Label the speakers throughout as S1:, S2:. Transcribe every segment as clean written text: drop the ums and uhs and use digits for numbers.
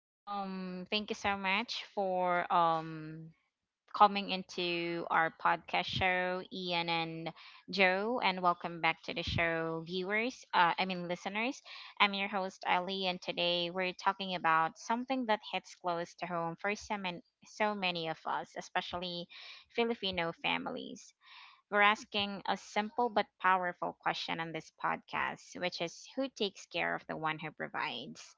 S1: Thank you so much for coming into our podcast show, Ian and Joe, and welcome back to the show, viewers. I mean listeners. I'm your host Ali, and today we're talking about something that hits close to home for so many, of us, especially Filipino families. We're asking a simple but powerful question on this podcast, which is who takes care of the one who provides?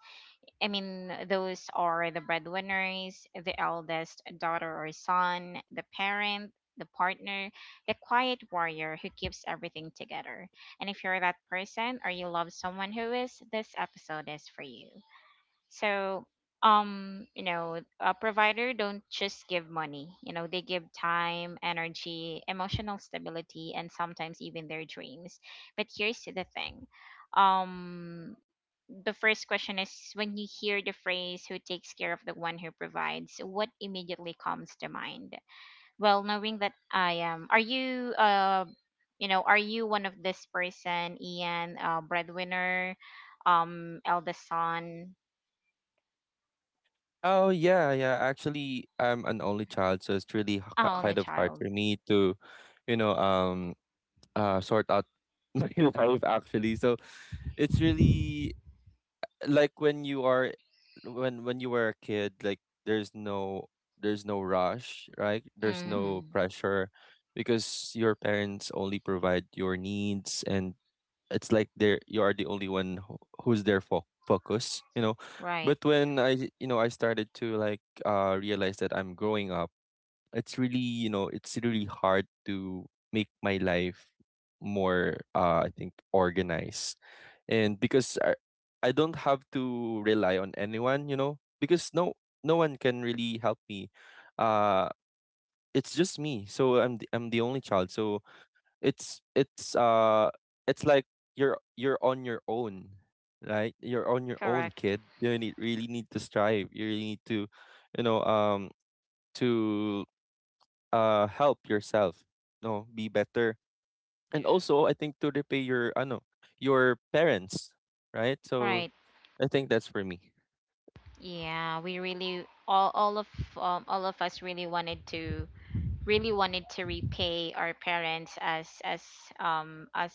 S1: I mean, those are the breadwinners, the eldest daughter or son, the parent, the partner, the quiet warrior who keeps everything together. And if you're that person or you love someone who is, this episode is for you. So, a provider don't just give money. You know, they give time, energy, emotional stability, and sometimes even their dreams. But here's the thing. Um, the first question is when you hear the phrase who takes care of the one who provides, what immediately comes to mind? Well, knowing that I am, are you are you one of this person, Ian, breadwinner, eldest son?
S2: Oh yeah, yeah. Actually, I'm an only child, so it's really
S1: Ah, only
S2: kind of hard for
S1: child.
S2: me to, you know, um, sort out my life actually. So it's really like when you are, when you were a kid, like there's no there's no rush, right? There's no
S1: Mm,
S2: pressure because your parents only provide your needs and it's like there you are the only one who's there for focus.
S1: right.
S2: But when I you know I started to like realize that I'm growing up, it's really, you know, it's really hard to make my life more, I think, organized. And because I don't have to rely on anyone, you know, because no one can really help me. uh it's just me, so I'm the only child, so it's it's like you're on your own, right? You're on your own,
S1: Correct.
S2: kid. You need, really need to strive. You really need to, you know, um, to help yourself, you know, be better, and
S3: Yeah.
S2: also I think to repay your, ano, your parents, right? So
S1: Right.
S2: I think that's for me.
S1: Yeah, we really all of us really wanted to repay our parents as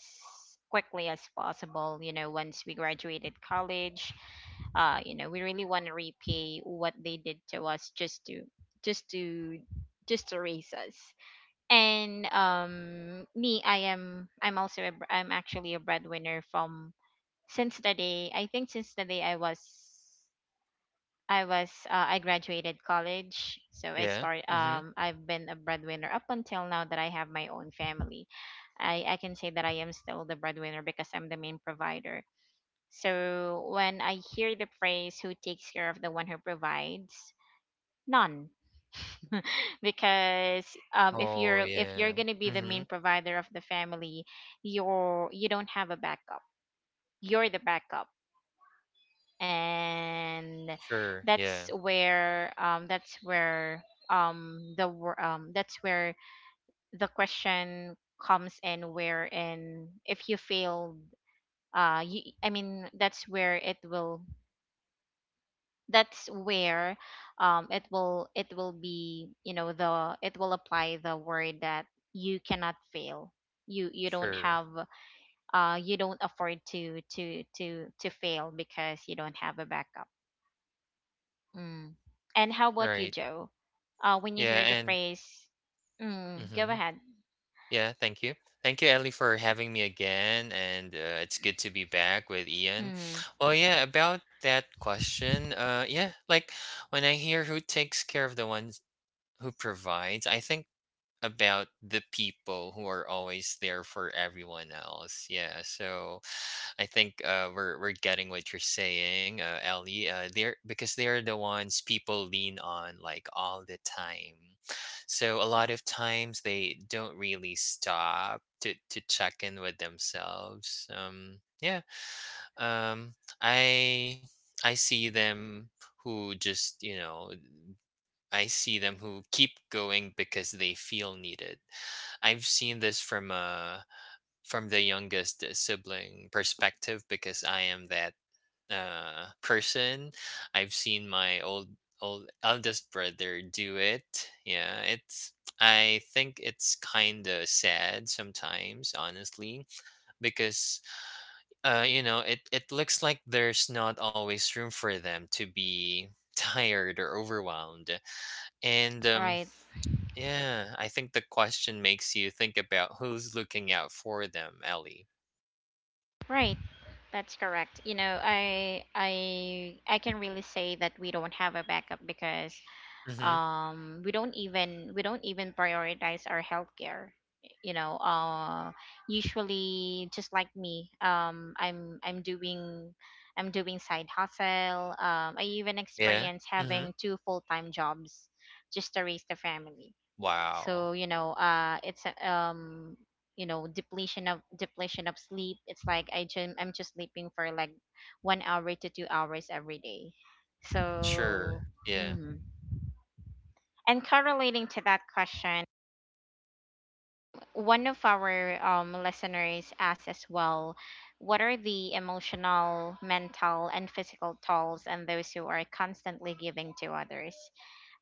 S1: quickly as possible, you know, once we graduated college. We really want to repay what they did to us just to just to raise us. And me, I'm also I'm actually a breadwinner from since the day I was I graduated college, so
S3: Yeah. Mm-hmm.
S1: I've been a breadwinner up until now that I have my own family. I can say that I am still the breadwinner because I'm the main provider. So when I hear the phrase who takes care of the one who provides, none. Because
S3: Oh,
S1: if
S3: yeah.
S1: you're going to be the
S3: Mm-hmm.
S1: main provider of the family, you don't have a backup. You're the backup, and
S3: Sure.
S1: that's
S3: Yeah.
S1: where that's where the question comes in, where and if you failed, you, I mean that's where it will, that's where it will, it will be, you know, the it will apply the word that you cannot fail. You don't
S3: Sure.
S1: have, you don't afford to fail because you don't have a backup. Mm. And how about you,
S3: Right.
S1: Joe? When you
S3: Yeah.
S1: hear the
S3: And
S1: phrase, mm, go
S3: mm-hmm.
S1: ahead.
S3: Yeah. Thank you. Thank you, Ellie, for having me again. And it's good to be back with Ian.
S1: Mm,
S3: Well, yeah. About that question. Yeah. Like when I hear who takes care of the ones who provides, I think about the people who are always there for everyone else. Yeah. So. I think we're getting what you're saying, Ellie. They're because they're the ones people lean on like all the time. So a lot of times they don't really stop to check in with themselves. Yeah. Um, I I see them who just I see them who keep going because they feel needed. I've seen this from a from the youngest sibling perspective because I am that person. I've seen my old eldest brother do it. Yeah, it's I think it's kind of sad sometimes, honestly, because you know it looks like there's not always room for them to be tired or overwhelmed and
S1: right,
S3: yeah, I think the question makes you think about who's looking out for them, Ellie.
S1: right. That's correct. You know, I can really say that we don't have a backup because
S3: Mm-hmm.
S1: we don't even prioritize our healthcare, you know. Usually just like me, I'm doing side hustle. I even
S3: Yeah.
S1: experience
S3: Mhm.
S1: having two full-time jobs just to raise the family.
S3: Wow.
S1: So, you know, you know, depletion of sleep. It's like I'm just sleeping for like 1 hour to 2 hours every day,
S3: Sure.
S1: so.
S3: Yeah.
S1: Mm-hmm. And correlating to that question, one of our listeners asked as well, what are the emotional, mental, and physical tolls on those who are constantly giving to others?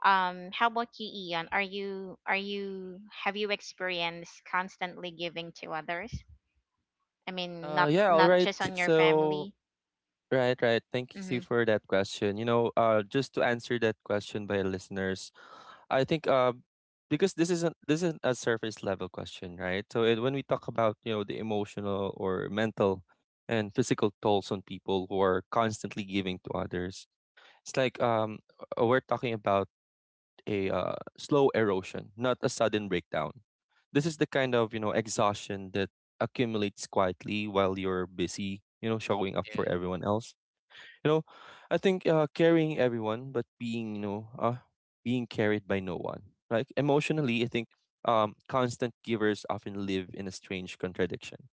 S1: How about you, Ian? Are you have you experienced constantly giving to others? I mean,
S2: Yeah, all
S1: not
S2: right.
S1: just on your
S2: So,
S1: family.
S2: right, right. Thank you
S1: Mm-hmm.
S2: for that question. You know, just to answer that question by our listeners, I think, because this isn't a surface level question, right? So it, when we talk about, you know, the emotional or mental and physical tolls on people who are constantly giving to others, it's like, we're talking about a, slow erosion, not a sudden breakdown. This is the kind of, you know, exhaustion that accumulates quietly while you're busy, you know, showing up for
S3: Yeah.
S2: everyone else. You know, I think, carrying everyone, but being, you know, being carried by no one. Like emotionally, I think, constant givers often live in a strange contradiction.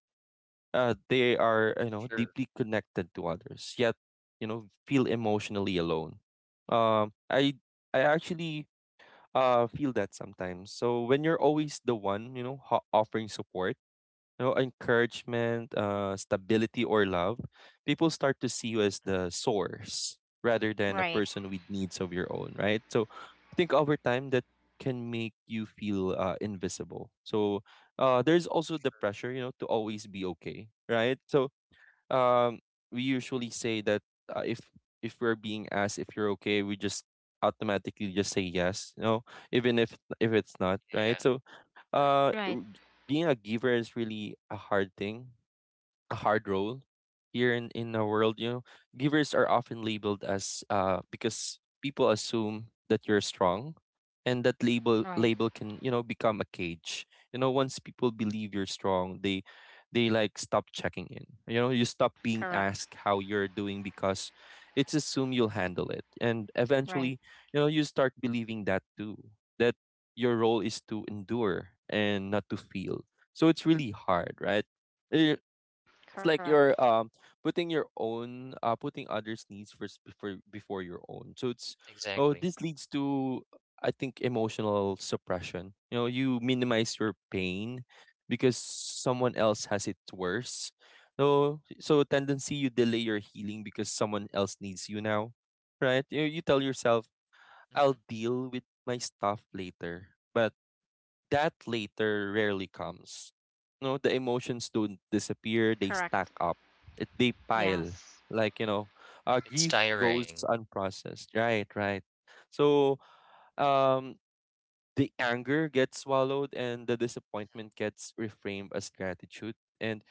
S2: They are, you know,
S3: Sure.
S2: deeply connected to others, yet you know feel emotionally alone. Um, I I actually feel that sometimes. So when you're always the one, you know, offering support, you know, encouragement, stability, or love, people start to see you as the
S3: Mhm.
S2: source rather than a
S1: Right,
S2: person with needs of your own, right? So I think over time that can make you feel, invisible. So there's also the pressure, you know, to always be okay, right? So um, we usually say that, if we're being asked if you're okay, we just automatically just say yes, you know, even if it's not, right?
S3: Yeah.
S2: So
S3: Right.
S2: uh,
S1: right,
S2: r- being a giver is really a hard thing, a hard role here in our world. You know, givers are often labeled as because people assume that you're strong, and that
S1: right.
S2: label can, you know, become a cage. You know, once people believe you're strong, they like stop checking in, you know. You stop being
S1: Correct,
S2: asked how you're doing because it's assumed you'll handle it, and
S1: right,
S2: eventually, you know, you start believing that too, that your role is to endure and not to feel. So it's really hard, right? Eh, it's like
S1: correct,
S2: you're putting your own putting others' needs first before your own. So it's oh
S3: Exactly.
S2: this leads to, I think, emotional suppression. You know, you minimize your pain because someone else has it worse. So tendency you delay your healing because someone else needs you now. Right? You tell yourself,
S3: Mhm.
S2: I'll deal with my stuff later. But that later rarely comes. No, the emotions don't disappear, they
S1: correct.
S2: stack up. It, they pile.
S1: Yes,
S2: Like, you know,
S3: It's
S2: grief goes
S3: tiring.
S2: unprocessed. Right, right. So, um, the anger gets swallowed and the
S3: Mhm.
S2: disappointment gets reframed as gratitude. And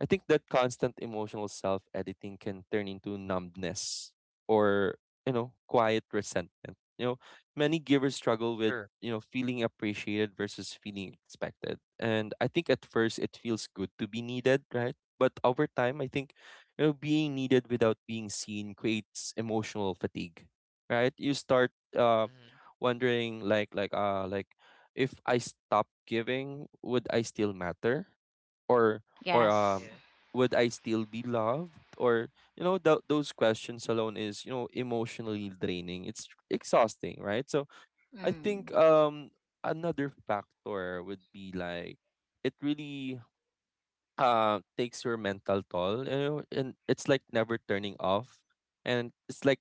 S2: I think that constant emotional self editing can turn into numbness or, you know, quiet resentment. You know, many givers struggle with,
S3: Sure.
S2: you know, feeling appreciated versus feeling expected. And I think at first it feels good to be needed, right? But over time, I think, you know, being needed without being seen creates emotional fatigue, right? You start, uh,
S3: Mhm.
S2: wondering, like, if I stop giving, would I still matter? or or
S1: yes.
S3: Yeah.
S2: would I still be loved? Or, you know, those questions alone is, you know, emotionally draining. It's exhausting, right? So I
S1: Mm.
S2: think, another factor would be like it really takes your mental toll, you know, and it's like never turning off, and it's like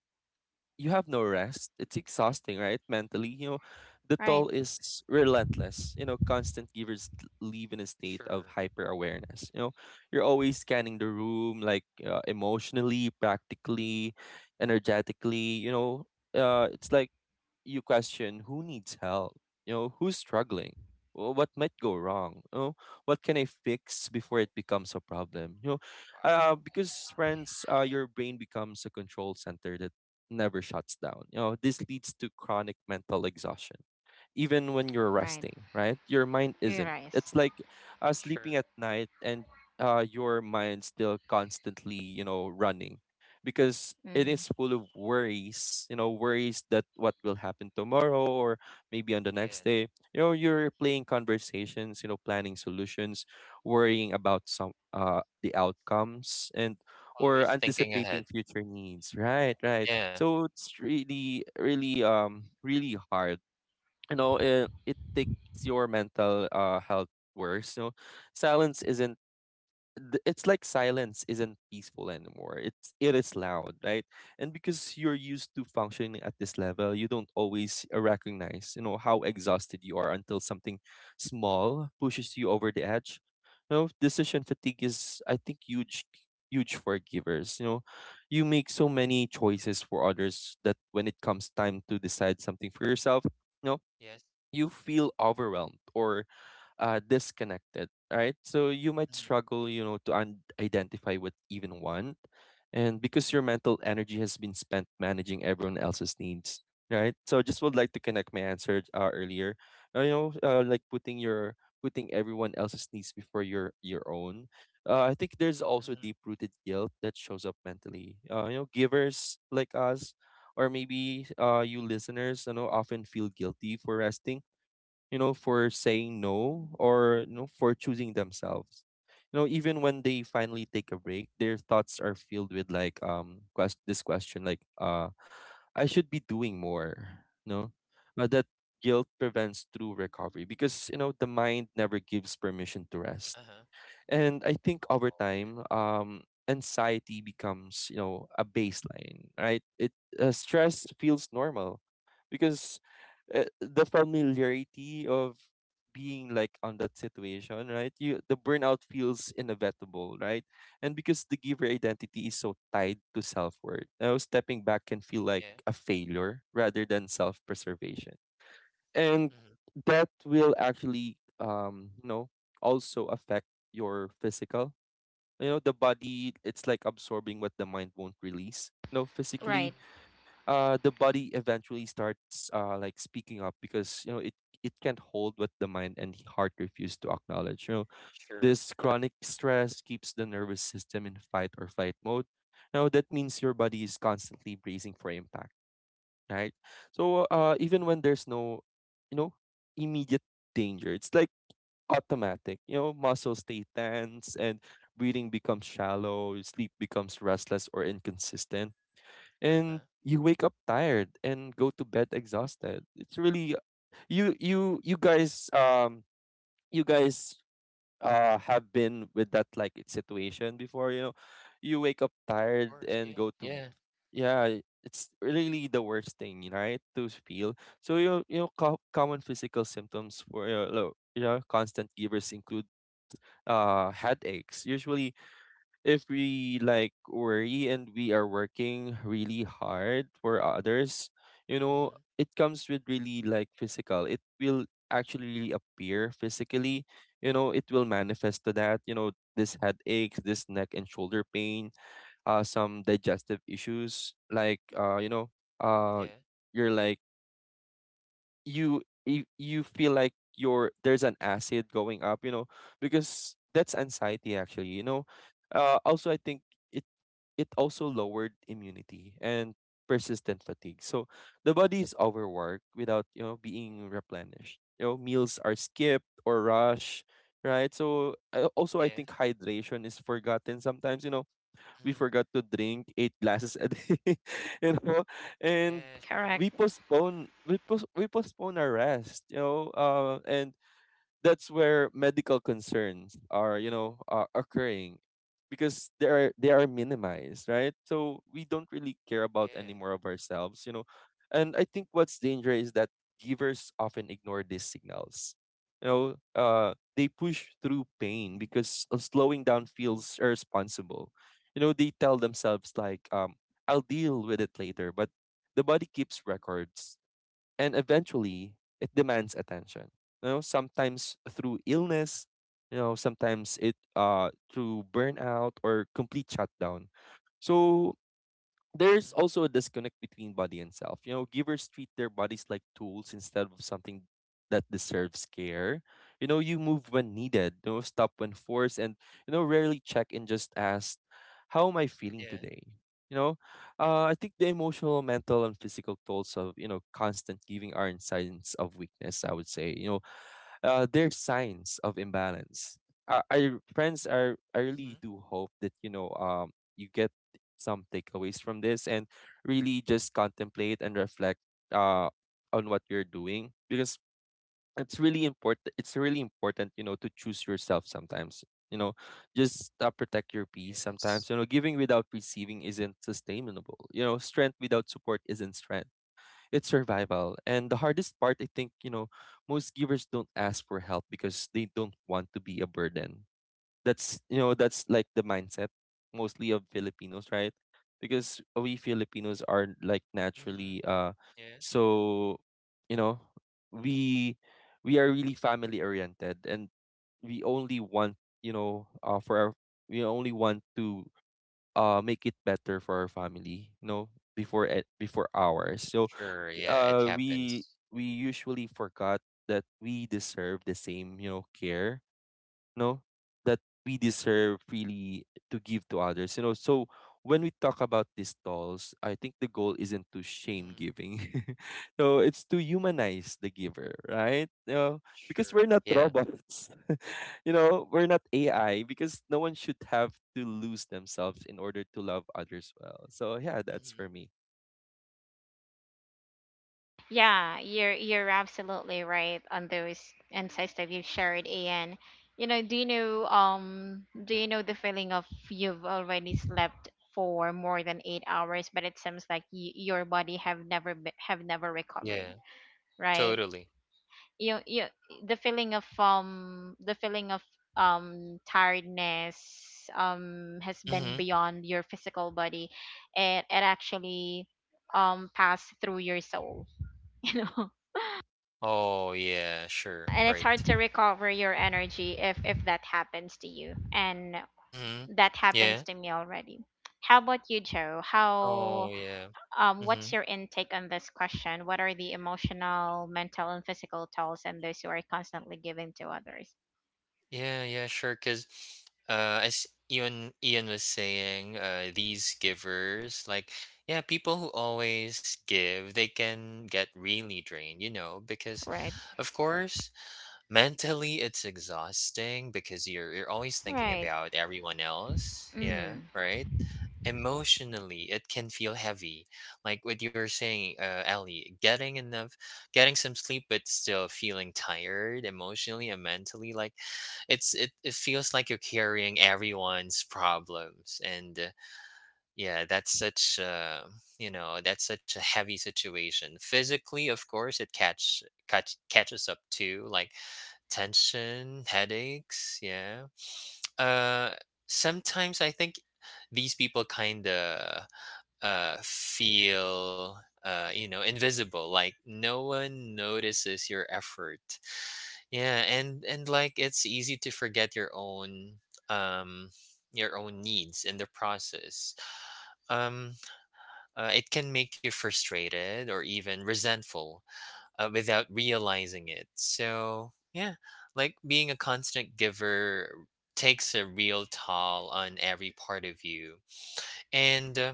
S2: you have no rest. It's exhausting, right? Mentally, you know, the
S1: Right.
S2: toll is relentless. You know, constant givers live in a state of
S3: Sure.
S2: hyper awareness. You know, you're always scanning the room, like, emotionally, practically, energetically. You know, it's like you question who needs help, you know, who's struggling, what might go wrong, you know, what can I fix before it becomes a problem, you know,
S3: Wow.
S2: because friends, your brain becomes a control center that never shuts down. You know, this leads to chronic mental exhaustion even when you're
S1: Right.
S2: resting, right? Your mind
S1: You
S2: isn't.
S1: rice.
S2: It's like, sleeping at
S3: Sure.
S2: night and your mind still constantly, you know, running because it is
S1: hmm
S2: full of worries, you know, worries that what will happen tomorrow or maybe on the next
S3: Yeah.
S2: day. You know, you're playing conversations, you know, planning solutions, worrying about some the outcomes and or
S3: Always thinking
S2: anticipating
S3: ahead.
S2: future needs. Right, right.
S3: Yeah.
S2: So it's really, really, really hard, you know. It takes your mental, health worse, you know. Silence isn't, it's like silence isn't peaceful anymore, it's it is loud, right? And because you're used to functioning at this level, you don't always, recognize, you know, how exhausted you are until something small pushes you over the edge. You know, decision fatigue is, I think, huge, huge for givers, you know. You make so many choices for others that when it comes time to decide something for yourself, no,
S3: Yes.
S2: you feel overwhelmed or, disconnected, right? So you might
S3: Mhm.
S2: struggle, you know, to identify what even want, and because your mental energy has been spent managing everyone else's needs, right? So I just would like to connect my answer, earlier, you know, like putting your putting everyone else's needs before your own. I think there's also deep
S3: Mhm.
S2: rooted guilt that shows up mentally. You know, givers like us. Or maybe, you listeners, you know, often feel guilty for resting, you know, for saying no, or, you know, for choosing themselves. You know, even when they finally take a break, their thoughts are filled with like quest this question like I should be doing more. No, that guilt prevents true recovery because, you know, the mind never gives permission to rest.
S3: Uh-huh.
S2: And I think over
S3: Oh, yeah.
S2: time, anxiety becomes, you know, a baseline, right? It, stress feels normal because, the familiarity of being like on that situation, right? You the burnout feels inevitable, right? And because the giver identity is so tied to self worth, now stepping back can feel like
S3: Yeah.
S2: a failure rather than self preservation. And
S3: Mhm.
S2: that will actually, um, you know, also affect your physical, you know, the body. It's like absorbing what the mind won't release, you know.
S1: Right.
S2: Physically,
S3: Mhm.
S2: uh, the body eventually starts like speaking up, because, you know, it can't hold what the mind and heart refuse to acknowledge, you know.
S3: Sure.
S2: This chronic stress keeps the nervous system in fight or flight mode. Now that means your body is constantly bracing for impact, right? So, even
S3: Mhm.
S2: when there's no, you know, immediate danger, it's like automatic. You know, muscles stay tense and breathing becomes shallow, your sleep becomes restless or inconsistent, and
S3: Uh-huh.
S2: you wake up tired and go to bed exhausted. It's really you guys, um, you guys, have been with that like situation before, you know. You wake up
S3: Of
S2: tired
S3: course.
S2: and
S3: Yeah.
S2: go to,
S3: Yeah.
S2: yeah, it's really the worst thing, right, to feel. So, you know, you know, common physical symptoms for, you know, constant givers include headaches, usually if we like worry and we are working really hard for others, you know,
S3: Mhm.
S2: it comes with really like physical. It will actually really appear physically. You know, it will manifest to that. You know, this headaches, this neck and shoulder pain, some digestive issues. Like, you know, uh,
S3: Yeah.
S2: you're like you feel like your there's an acid going up. You know, because that's anxiety actually. You know, also I think it it also lowered immunity and persistent fatigue. So the body is overworked without, you know, being replenished. You know, meals are skipped or rushed, right? Also I
S3: Yeah.
S2: think hydration is forgotten sometimes, you know, we
S3: Mhm.
S2: forgot to drink eight glasses a day, you know, and
S3: Yeah.
S1: Correct.
S2: we
S3: Sure.
S2: postpone we, post, we postpone our rest, you know, and that's where medical concerns are, you know, are occurring because they are minimized, right? So we don't really care about any
S3: Yeah.
S2: more of ourselves, you know. And I think what's dangerous is that givers often ignore these signals, you know. They push through pain because of slowing down feels irresponsible, you know. They tell themselves like, I'll deal with it later, but the body keeps records and eventually it demands attention, you know, sometimes through illness, you know, sometimes it through burnout or complete shutdown. So there's
S3: Mhm.
S2: also a disconnect between body and self. You know, givers treat their bodies like tools instead of something that deserves care. You know, you move when needed, you know, stop when forced, and you know, rarely check and just ask, "How am I feeling
S3: Yeah.
S2: today?" You know, I think the emotional, mental, and physical tolls of, you know, constant giving are in signs of weakness. I would say, you know, they're signs of imbalance. I friends, I
S3: Mhm.
S2: really do hope that, you know, you get some takeaways from this and really just contemplate and reflect uh on what you're doing because it's really important. It's really important, you know, to choose yourself sometimes. You know, just protect your peace
S3: Yes.
S2: sometimes. You know, giving without receiving isn't sustainable. You know, strength without support isn't strength, it's survival. And the hardest part, I think, you know, most givers don't ask for help because they don't want to be a burden. That's, you know, that's like the mindset mostly of Filipinos, right? Because we Filipinos are like
S3: Mhm.
S2: naturally
S3: Yeah.
S2: so, you know, we we are really family oriented and we only want, you know, uh for our we only want to make it better for our family, you know, before ours. So
S3: Sure. Yeah. It
S2: uh we
S3: happens.
S2: we usually forgot that we deserve the same, you know, care, no, that we deserve really to give to others, you know. So when we talk about these dolls, I think the goal isn't to shame
S3: Mhm.
S2: giving. So it's to humanize the giver, right, you know, because we're
S3: Sure.
S2: not
S3: Yeah.
S2: robots. You know, we're not AI because no one should have to lose themselves in order to love others well. So yeah, that's
S3: Mhm.
S2: for me.
S1: Yeah, you're absolutely right on those insights that you've shared, Ian. You know, do you know do you know the feeling of you've already slept for more than 8 hours, but it seems like your body have never be- have never recovered,
S3: Yeah.
S1: right?
S3: Totally.
S1: you the feeling of tiredness has been
S3: Mhm.
S1: beyond your physical body. It actually passed through your soul, you know.
S3: Oh yeah. Sure.
S1: And it's hard
S3: Right.
S1: to recover your energy if that happens to you, and
S3: Mhm.
S1: that happens
S3: Yeah.
S1: to me already. How about you, Joe?
S3: Oh
S1: How
S3: yeah.
S1: what's
S3: Mhm.
S1: your intake on this question, what are the emotional, mental, and physical tolls and those you are constantly giving to others?
S3: Yeah. Yeah. Sure. Cause, as Ian was saying, these givers, like, yeah, people who always give, they can get really drained, you know, because,
S1: Right.
S3: of course, mentally, it's exhausting because you're always thinking
S1: Right.
S3: about everyone else. Yeah,
S1: Mm.
S3: right? Emotionally, it can feel heavy. Like what you were saying, Ellie, getting getting some sleep, but still feeling tired emotionally and mentally. Like it feels like you're carrying everyone's problems, and yeah, that's such you know that's such a heavy situation. Physically, of course, it catches up too. Like tension, headaches. Yeah. Uh, sometimes I think these people kind of feel, you know, invisible. Like no one notices your effort. Yeah, and like it's easy to forget your own. Um, your own needs in the process um it can make you frustrated or even resentful without realizing it. So, yeah, like being a constant giver takes a real toll on every part of you. And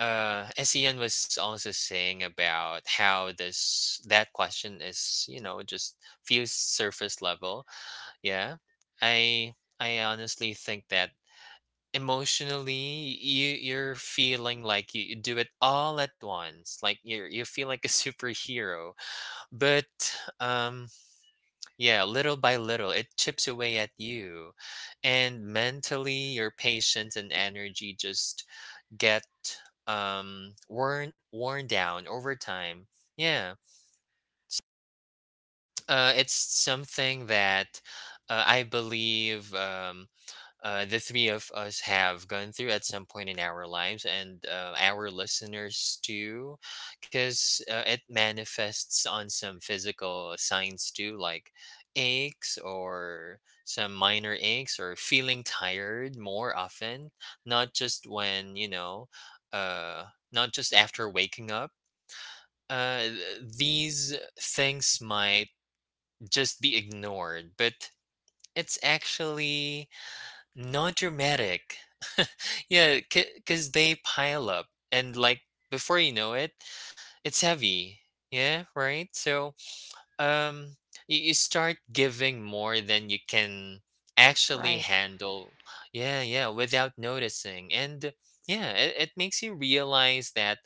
S3: as was also saying about how this that question is, you know, just feels surface level. Yeah, I I honestly think that emotionally you're feeling like you do it all at once like you feel like a superhero but um yeah, little by little, it chips away at you. And mentally, your patience and energy just get worn down over time. Yeah. It's something that I believe the three of us have gone through at some point in our lives, and our listeners too because it manifests on some physical signs too, like aches or some minor aches or feeling tired more often, not just when you know uh, not just after waking up. uh, th- these things might just be ignored, but it's actually not dramatic. Yeah, because they pile up, and like before you know it, it's heavy. Yeah, right. So, um, you start giving more than you can actually
S1: Right.
S3: handle. Yeah, yeah, without noticing, and yeah, it makes you realize that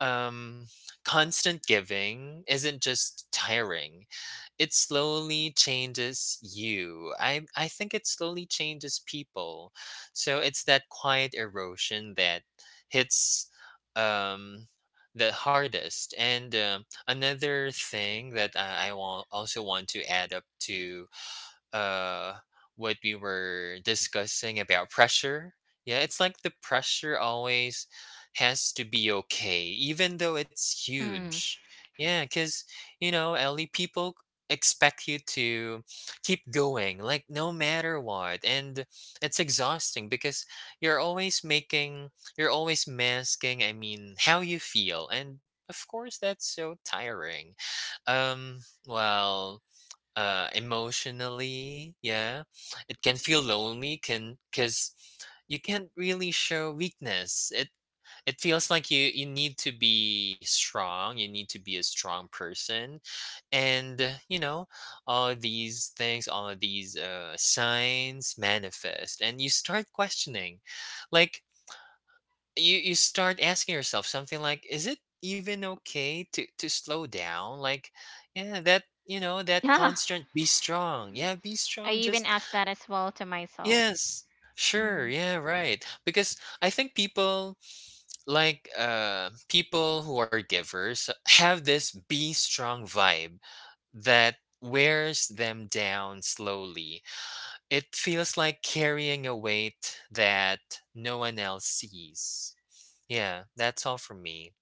S3: um, constant giving isn't just tiring. It slowly changes you. I think it slowly changes people. So it's that quiet erosion that hits um the hardest. And another thing that I want also want to add up to uh what we were discussing about pressure. Yeah, it's like the pressure always has to be okay even though it's
S1: Mm.
S3: huge. Yeah, because, you know, Ellie, people expect you to keep going, like, no matter what, and it's exhausting because you're always making you're always masking, I mean, how you feel, and of course that's so tiring. Well, emotionally, yeah, it can feel lonely can because you can't really show weakness. It feels like you need to be strong, you need to be a strong person. And you know, all of these things, all of these signs manifest, and you start questioning, like, you start asking yourself something like, is it even okay to slow down? Like yeah, that you know, that
S1: Yeah.
S3: constant be strong, yeah, be
S1: I
S3: strong,
S1: even
S3: just
S1: asked that as well to myself.
S3: yes, sure,
S1: Mm.
S3: yeah, right, because I think people, people who are givers have this be strong vibe that wears them down slowly. It feels like carrying a weight that no one else sees. Yeah, that's all for me.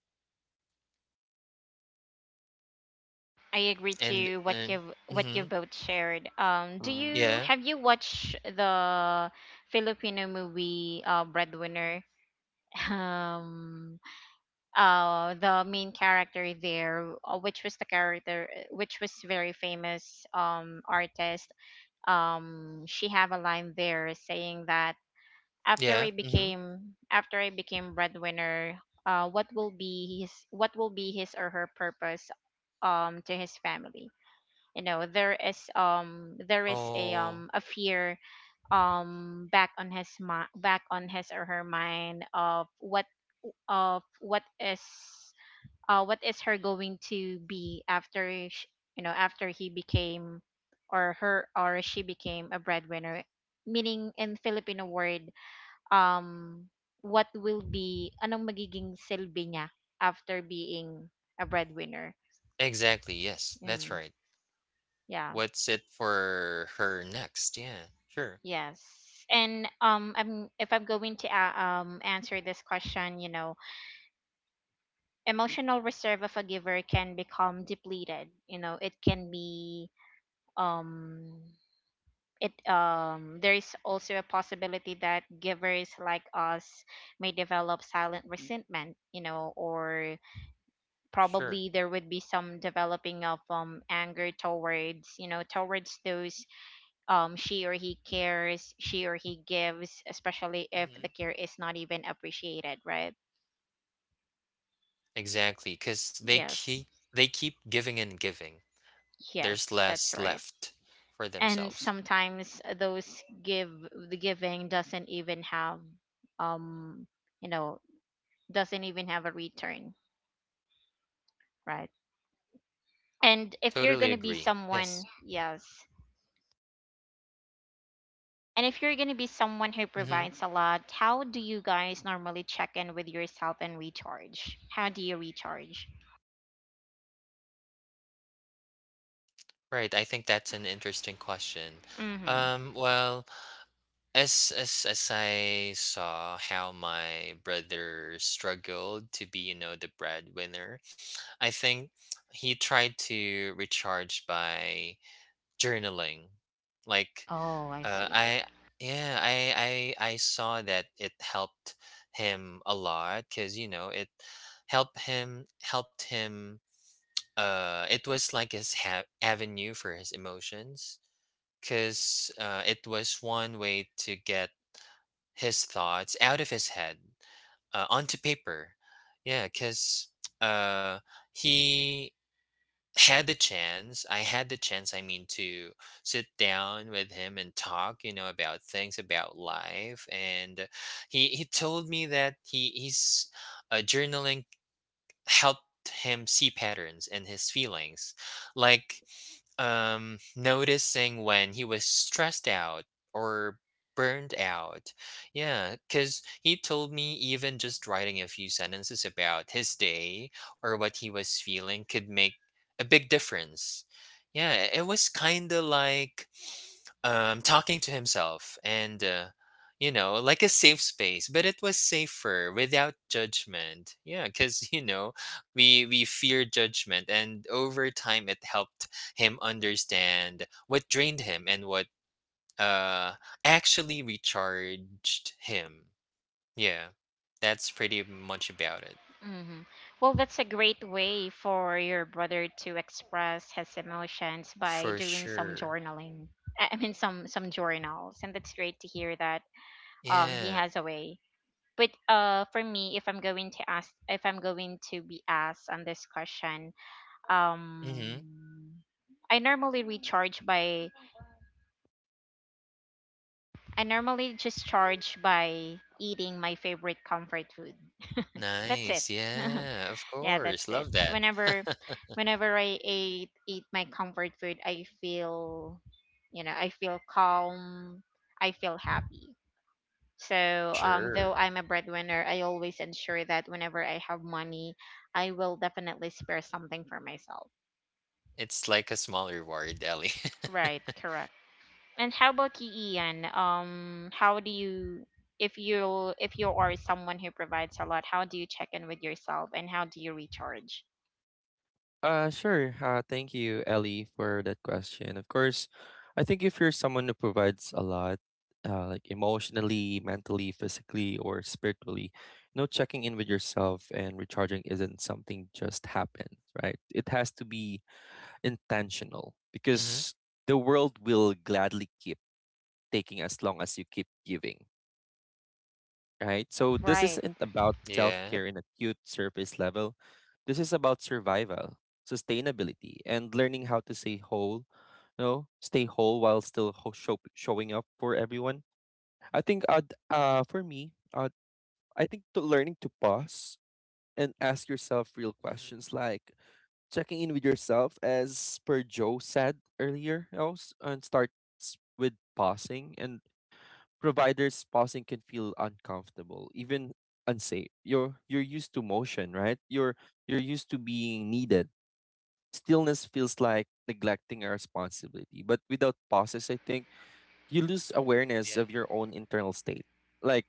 S1: I agree to what
S3: And
S1: you
S3: mhm.
S1: both shared. Do you,
S3: Yeah.
S1: have you watched the Filipino movie, Breadwinner? Um, the main character there, which was the character which was very famous artist. She have a line there saying that
S3: Yeah. Mhm.
S1: after I became breadwinner, what will be his, what will be his or her purpose to his family? You know, there is
S3: Oh,
S1: a fear back on his back on his or her mind of what, of what is her going to be after, you know, after he became, or her, or she became a breadwinner, meaning in Filipino word, um what will be anong magiging silbi niya after being a breadwinner.
S3: exactly. Yes, that's
S1: Mm,
S3: right.
S1: yeah.
S3: What's it for her next? Yeah. Sure.
S1: Yes. And I'm if I'm going to a answer this question, you know, emotional reserve of a giver can become depleted, you know. It can be, um it there is also a possibility that givers like us may develop silent resentment, you know. Or
S3: Sure.
S1: probably there would be some developing of anger towards, you know, towards those she or he cares, she or he gives, especially if the
S3: Mhm.
S1: care is not even appreciated, right?
S3: Because
S1: Yes,
S3: they keep giving and giving. There's
S1: yes, that's
S3: less
S1: right.
S3: left for
S1: And
S3: themselves.
S1: sometimes those give the giving doesn't even have um you know doesn't even have a return, right? And if you're going
S3: Totally
S1: to be
S3: agree.
S1: someone,
S3: Yes.
S1: yes. And if you're going to be someone who
S3: Mhm.
S1: provides a lot, how do you guys normally check in with yourself and recharge? How do you recharge?
S3: Right. I think that's an interesting question.
S1: Mhm.
S3: Well, as I saw how my brother struggled to be, you know, the breadwinner, I think he tried to recharge by journaling. Like,
S1: Oh, I see.
S3: I yeah, I saw that it helped him a lot because you know it helped him. It was like his avenue for his emotions because it was one way to get his thoughts out of his head onto paper. Yeah, because uh, he had the chance. I had the chance, I mean, to sit down with him and talk, you know, about things, about life. And he told me that he, he's journaling helped him see patterns in his feelings, like noticing when he was stressed out or burned out. Yeah, because he told me even just writing a few sentences about his day or what he was feeling could make a big difference. Yeah, it was kind of like talking to himself and you know, like a safe space, but it was safer without judgment, yeah, because you know we fear judgment, and over time it helped him understand what drained him and what uh actually recharged him. Yeah, that's pretty much about it.
S1: Mhm. Well, that's a great way for your brother to express his emotions by
S3: For
S1: doing some
S3: sure.
S1: journaling. I mean some journals, and that's great to hear that he
S3: Yeah.
S1: has a way. But for me, if I'm going to ask, if I'm going to be asked on this question,
S3: Mm-hmm.
S1: um I normally recharge by I normally just charge by eating my favorite comfort food. That's it.
S3: Nice. Yeah, of
S1: Yeah,
S3: course,
S1: that's it.
S3: love that.
S1: Whenever I eat my comfort food, I feel, you know, I feel calm, I feel happy. So,
S3: Sure.
S1: though I'm a breadwinner, I always ensure that whenever I have money, I will definitely spare something for myself.
S3: It's like a small reward, Ellie.
S1: Right, correct. And how about you, Ian? How do you, if you are someone who provides a lot, how do you check in with yourself and how do you recharge?
S2: Sure. Thank you, Ellie, for that question. Of course, I think if you're someone who provides a lot, like emotionally, mentally, physically, or spiritually, you know, checking in with yourself and recharging isn't something just happens, right? It has to be intentional
S3: Hmm.
S2: because the world will gladly keep taking as long as you keep giving, right? So this
S1: Right,
S2: isn't about self
S3: Yeah.
S2: care in a cute surface level. This is about survival, sustainability, and learning how to stay whole, you know, stay whole while still showing up for everyone. I think for me, I think to learning to pause and ask yourself real
S3: Hmm.
S2: questions like checking in with yourself as per Joe said earlier, you know, and starts with pausing and providers pausing can feel uncomfortable, even unsafe. You're used to motion, right? You're used to being needed. Stillness feels like neglecting a responsibility. But without pauses, I think you lose awareness
S3: Yeah.
S2: of your own internal state. Like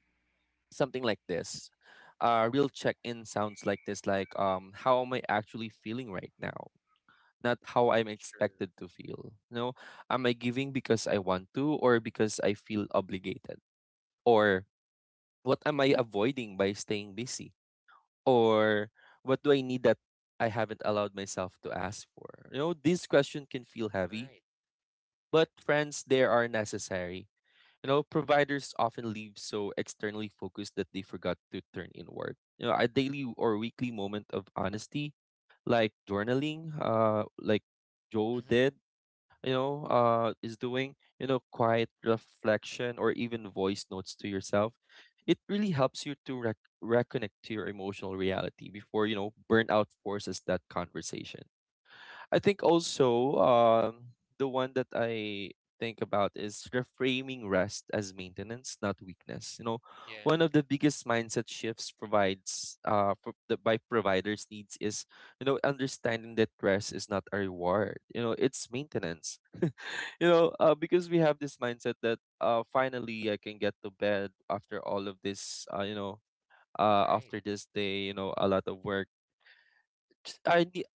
S2: something like this. A real check-in sounds like this, like, how am I actually feeling right now? Not how I'm
S3: Sure.
S2: expected to feel. You know, am I giving because I want to or because I feel obligated? Or what am I avoiding by staying busy? Or what do I need that I haven't allowed myself to ask for? You know, this question can feel heavy,
S3: Right.
S2: but friends they are necessary. You know, providers often leave so externally focused that they forgot to turn inward. You know, a daily or weekly moment of honesty, like journaling, like Joe
S3: Hmm.
S2: did, you know, is doing, you know, quiet reflection or even voice notes to yourself, it really helps you to reconnect to your emotional reality before, you know, burnout forces that conversation. I think also, the one that I think about is reframing rest as maintenance, not weakness. You know,
S3: Yeah.
S2: one of the biggest mindset shifts provides pro- that by providers needs is, you know, understanding that rest is not a reward. You know, it's maintenance, you know, because we have this mindset that, finally I can get to bed after all of this, you know,
S3: Right.
S2: after this day, you know, a lot of work. Just- I ne-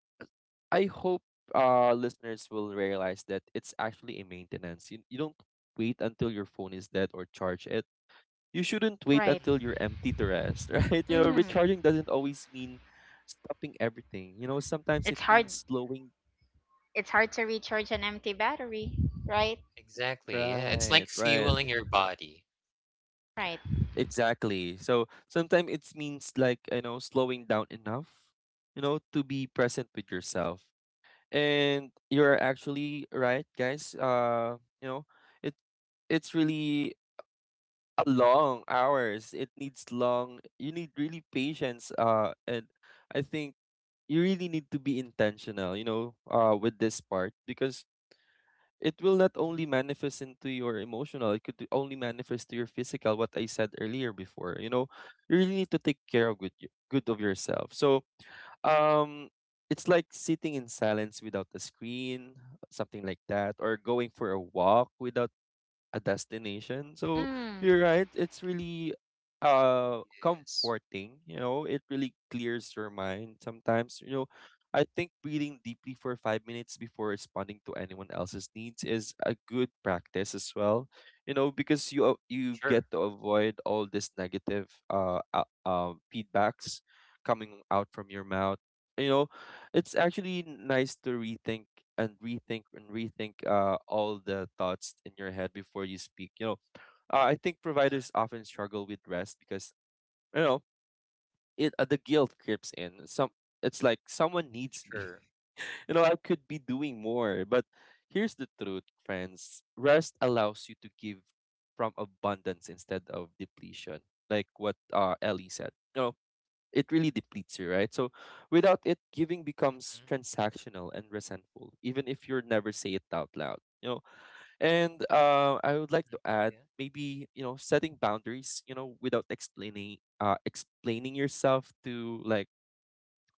S2: I hope listeners will realize that it's actually a maintenance. You don't wait until your phone is dead or charge it. You shouldn't wait
S1: right.
S3: Hmm.
S2: until you're empty to rest, right? You know,
S1: Mm-hmm.
S3: Exactly.
S2: recharging doesn't always mean stopping everything. You know, sometimes
S1: It's
S2: it
S1: hard.
S2: means slowing.
S1: It's hard to recharge an empty battery, right?
S3: Exactly. Yeah. It's
S2: Right,
S3: like
S2: right.
S3: fueling your body.
S1: Right.
S2: Exactly. So sometimes it means like, you know, slowing down enough, you know, to be present with yourself. And you're actually right, guys. You know, it it's really a long hours. It needs long, you need really patience. And I think you really need to be intentional, you know, with this part because it will not only
S3: Hmm.
S2: manifest into your emotional, it could only manifest to your physical, what I said earlier before, you know, you really need to take care of good of yourself. So um it's like sitting in silence without the screen, something like that, or going for a walk without a destination. So
S1: Mm,
S2: you're right. It's really
S3: Yes.
S2: comforting. You know, it really clears your mind sometimes. You know, I think breathing deeply for 5 minutes before responding to anyone else's needs is a good practice as well. You know, because you
S3: Sure.
S2: get to avoid all this negative feedbacks coming out from your mouth. You know, it's actually nice to rethink and rethink and rethink all the thoughts in your head before you speak. You know, I think
S3: Uh-huh.
S2: providers often struggle with rest because, you know, it the guilt creeps in. Some it's like someone needs me.
S3: Sure.
S2: You know, I could be doing more, but here's the truth, friends. Rest allows you to give from abundance instead of depletion, like what Ellie said. You know, it really depletes you, right? So without it, giving
S3: Hmm.
S2: becomes transactional and resentful, even if you never say it out loud. You know, and I would like
S3: Hmm.
S2: to add
S3: Yeah.
S2: maybe, you know, setting boundaries. You know, without explaining yourself to like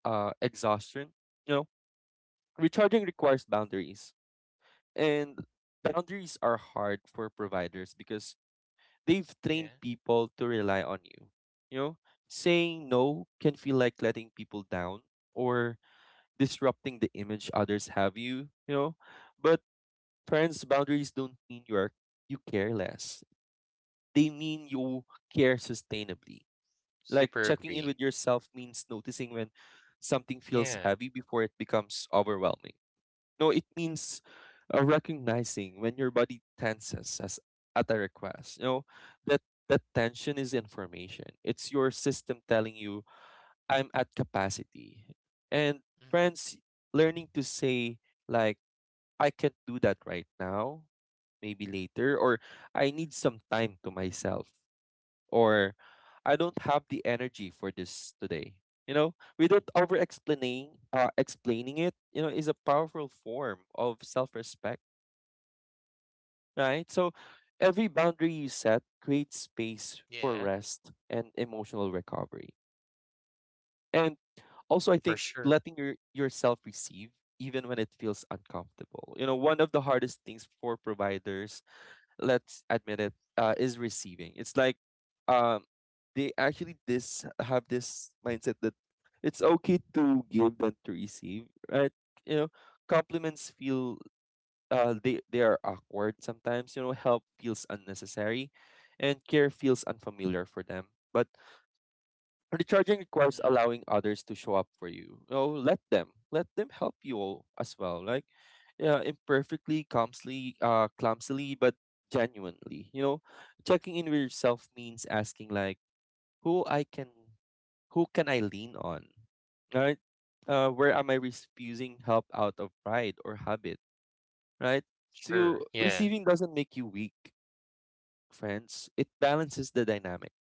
S2: exhaustion. You know, recharging requires boundaries, and boundaries are hard for providers because they've trained
S3: Yeah.
S2: people to rely on you. You know, saying no can feel like letting people down or disrupting the image others have you, you know. But friends, boundaries don't mean you are you care less. They mean you care sustainably. Like
S3: Super
S2: checking in
S3: agree.
S2: with yourself means noticing when something feels
S3: Yeah.
S2: heavy before it becomes overwhelming. No, it means recognizing when your body tenses as at a request. You know, that that tension is information. It's your system telling you I'm at capacity. And
S3: Hmm.
S2: friends, learning to say, like, I can't do that right now, maybe later, or I need some time to myself, or I don't have the energy for this today. You know, without explaining it, you know, is a powerful form of self respect, right? So every boundary you set creates space for
S3: Yeah.
S2: rest and emotional recovery. And also, I
S3: For
S2: think
S3: sure.
S2: letting your, yourself receive, even when it feels uncomfortable. You know, one of the hardest things for providers, let's admit it,
S3: Hmm.
S2: is receiving. It's like, um, they actually this have this mindset that it's okay to give than to receive, right? You know, compliments feel they are awkward sometimes. You know, help feels unnecessary, and care feels unfamiliar for them. But recharging requires
S3: Hmm.
S2: allowing others to show up for you. You know, let them help you all as well. Like, yeah, imperfectly, clumsily, clumsily, but genuinely. You know, checking in with yourself means asking like, who I can, who can I lean on, right? Where am I refusing help out of pride or habit, right?
S3: Sure.
S2: So
S3: Yeah.
S2: receiving doesn't make you weak, friends. It balances the dynamic,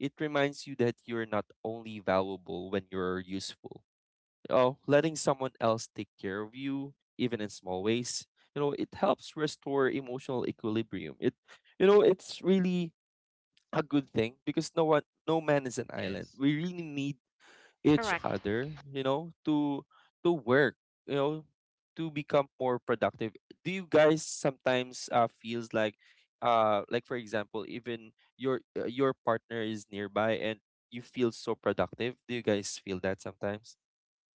S2: it reminds you that you're not only valuable when you're useful. Oh, letting someone else take care of you, even in small ways, you know, it helps restore emotional equilibrium. It, you know, it's really a good thing because no one, no man is an island.
S3: Yes.
S2: We really need each
S3: Hmm.
S1: correct.
S2: other, you know, to work, you know, to become more productive. Do you guys sometimes feels like for example, even your partner is nearby and you feel so productive? Do you guys feel that sometimes?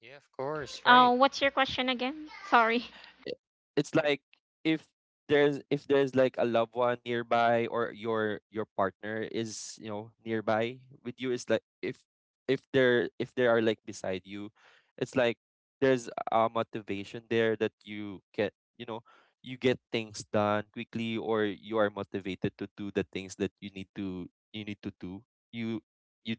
S3: Yeah. Of course. Right.
S1: What's your question again? Sorry.
S2: i- it's like if there's like a loved one nearby or your partner is, you know, nearby with you. It's like if they're if they are like beside you, it's like there's a motivation there that you get, you know, you get things done quickly, or you are motivated to do the things that you need to, do you you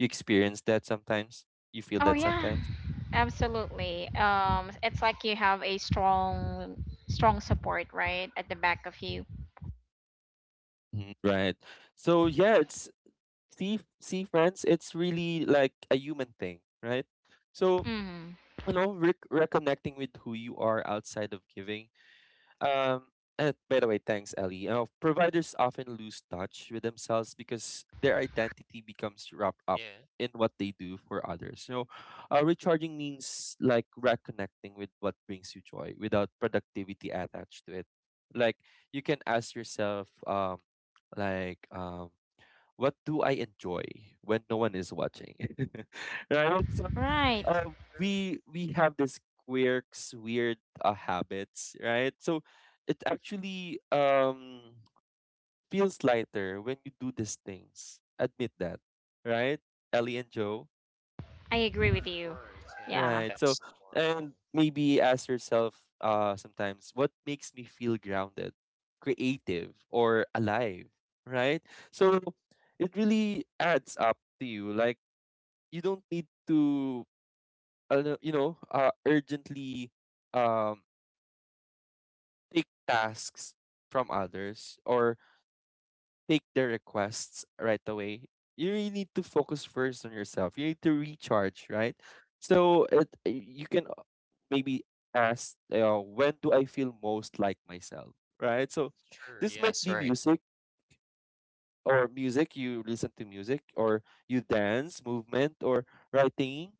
S2: you experience that sometimes, you feel
S1: Oh
S2: that
S1: yeah,
S2: sometimes.
S1: absolutely. It's like you have a strong, strong support right at the back of you.
S2: Mhm, right. So yeah, it's, see friends, it's really like a human thing, right? So
S1: Mm,
S2: you know, reconnecting with who you are outside of giving, um and by the way, thanks Ellie. Providers often lose touch with themselves because their identity becomes wrapped up
S3: Yeah.
S2: in what they do for others. So recharging means like reconnecting with what brings you joy without productivity attached to it. Like, you can ask yourself, like, what do I enjoy when no one is watching? Right? So
S1: right.
S3: Yes. Sure.
S2: we have this quirks, weird habits, right? So it actually feels lighter when you do these things. Admit that, right? Ellie and Joe.
S1: I agree with you.
S3: Course, yeah, I think
S1: Yeah.
S2: Right. So,
S3: that's normal.
S2: and maybe ask yourself sometimes, what makes me feel grounded, creative, or alive, right? So it really adds up to you. Like, you don't need to you know, urgently, um take tasks from others, or take their requests right away. You really need to focus first on yourself. You need to recharge, right? So it, you can maybe ask, when do I feel most like myself, right? So,
S3: Sure,
S2: this might
S3: yes,
S2: be
S3: right.
S2: music, or music, you listen to music, or you dance, movement, or writing,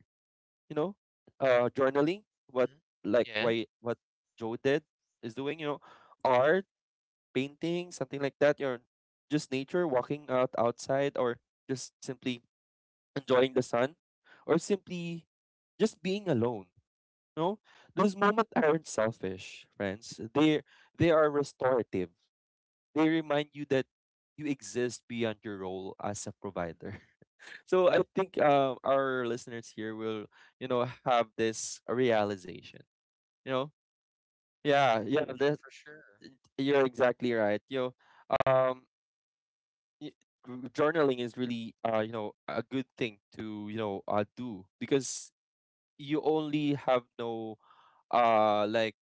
S2: you know, journaling. What,
S3: Mhm.
S2: like,
S3: Yeah,
S2: why, what Joe did, is doing, you know, art, painting, something like that, or just nature, walking out outside, or just simply enjoying the sun, or simply just being alone, you know. Those moments aren't selfish, friends. They are restorative. They remind you that you exist beyond your role as a provider. So I think our listeners here will, you know, have this realization. You know, yeah, yeah, that
S3: for sure.
S2: you're exactly right. You know, um, y- journaling is really, you know, a good thing to, you know, do, because you only have no, like,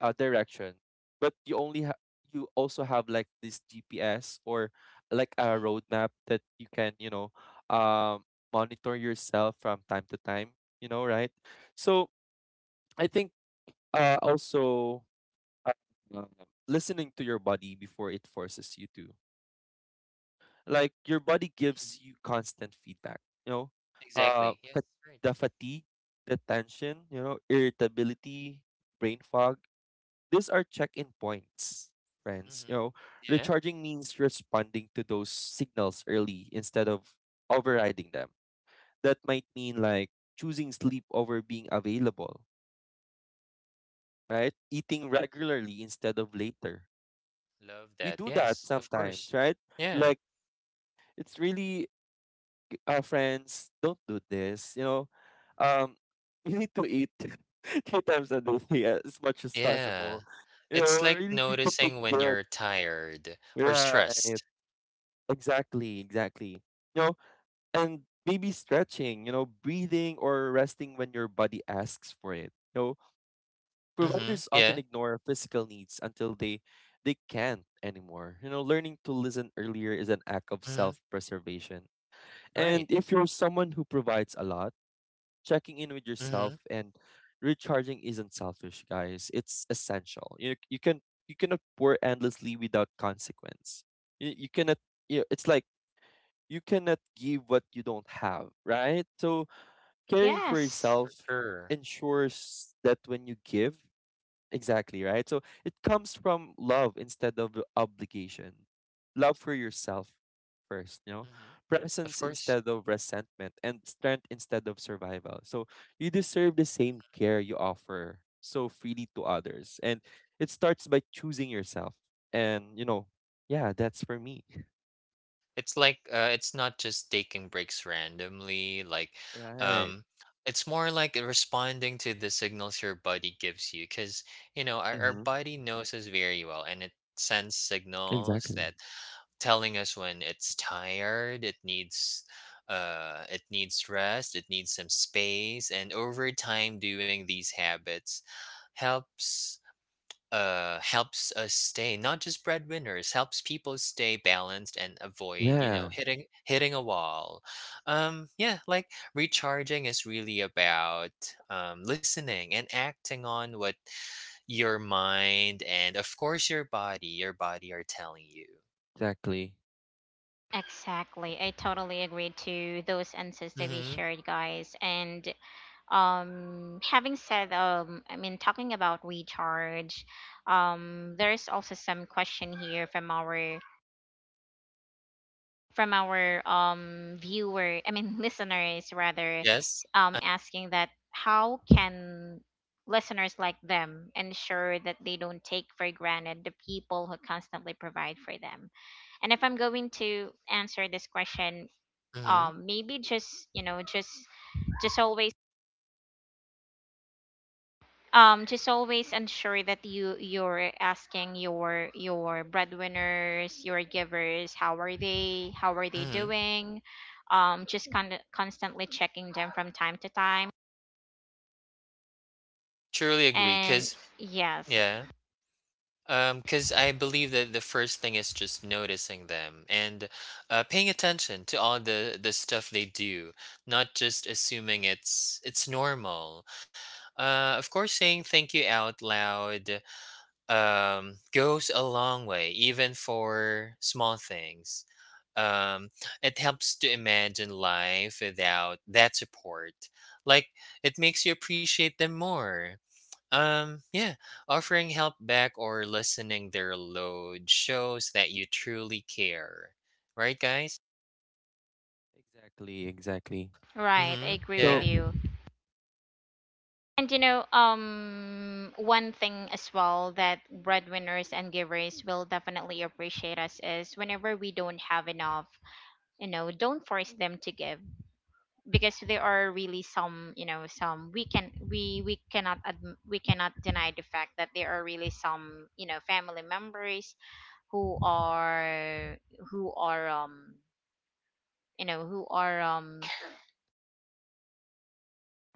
S2: direction, but you only have, you also have like this GPS, or like a
S3: Mhm,
S2: roadmap that you can, you know, um, monitor yourself from time to time. You know, right? So I think also uh, listening to your body before it forces you to. Like, your body
S3: mhm.
S2: gives you constant feedback. You know, uh,
S3: Exactly, yes,
S2: fa-
S3: right.
S2: the fatigue, the tension. You know, irritability, brain fog. These are check-in points, friends. You
S3: Mhm.
S2: know,
S3: Yeah,
S2: recharging means responding to those signals early instead of overriding them. That might mean like choosing sleep over being available, right? Eating regularly instead of later.
S3: love
S2: We
S3: that.
S2: do that
S3: Yes, of course.
S2: sometimes, right?
S3: Yeah.
S2: Like, it's really, friends, don't do this. You know, um, you need to eat three times a day as much as
S3: Yeah.
S2: possible. You
S3: It's
S2: know,
S3: like
S2: really need to take
S3: noticing when
S2: care.
S3: you're tired or
S2: Right.
S3: stressed.
S2: Exactly, exactly. You know, and maybe stretching, you know, breathing or resting when your body asks for it. You know,
S3: Mhm,
S2: providers often
S3: yeah,
S2: ignore physical needs until they can't anymore. You know, learning to listen earlier is an act of
S3: mhm,
S2: self-preservation. And
S3: right.
S2: if you're someone who provides a lot, checking in with yourself
S3: Mhm,
S2: and recharging isn't selfish, guys. It's essential. You cannot pour endlessly without consequence. You cannot you know, it's like, you cannot give what you don't have, right? So caring for
S1: Yes.
S3: for
S2: yourself
S3: sure.
S2: ensures that when you give, exactly, right? So it comes from love instead of obligation. Love for yourself first, you know?
S3: Mhm. Of
S2: Presence
S3: course.
S2: instead of resentment, and strength instead of survival. So you deserve the same care you offer so freely to others. And it starts by choosing yourself. And, you know, yeah, that's for me.
S3: It's like it's not just taking breaks randomly, like
S2: Right.
S3: um it's more like responding to the signals your body gives you, because you know our
S2: Mm-hmm.
S3: body knows us very well and it sends signals
S2: Exactly.
S3: that telling us when it's tired. It needs it needs rest, it needs some space, and over time doing these habits helps helps us stay, not just breadwinners, helps people stay balanced and avoid, you know,
S2: Yeah,
S3: hitting a wall. Um, yeah, like recharging is really about um, listening and acting on what your mind and, of course, your body are telling you.
S2: exactly.
S1: Exactly. I totally agree to those answers that we
S3: Mhm.
S1: shared, guys. And having said, I mean, talking about recharge, there's also some question here from our viewer, listeners rather,
S3: Yes.
S1: asking that how can listeners like them ensure that they don't take for granted the people who constantly provide for them. And if I'm going to answer this question,
S3: Mhm.
S1: maybe just, you know, just always, just always ensure that you, you're asking your breadwinners, your givers, how are they, how are they
S3: Mhm.
S1: doing, just kind of constantly checking them from time to time.
S3: Truly agree,
S1: And
S3: cuz
S1: yes.
S3: yeah, um, because I believe that the first thing is just noticing them and paying attention to all the stuff they do, not just assuming it's normal. Of course, saying thank you out loud goes a long way, even for small things. Um, it helps to imagine life without that support. Like it makes you appreciate them more. Yeah, offering help back or listening their load shows that you truly care. Right, guys?
S2: Exactly, exactly.
S1: Right, I
S3: Mm-hmm.
S1: agree with
S2: So,
S3: Yeah,
S1: you. And you know, one thing as well that breadwinners and givers will definitely appreciate us is whenever we don't have enough, you know, don't force them to give. Because there are really some, you know, some we can, we cannot we cannot deny the fact that there are really some, you know, family members who are, who are um you know who are um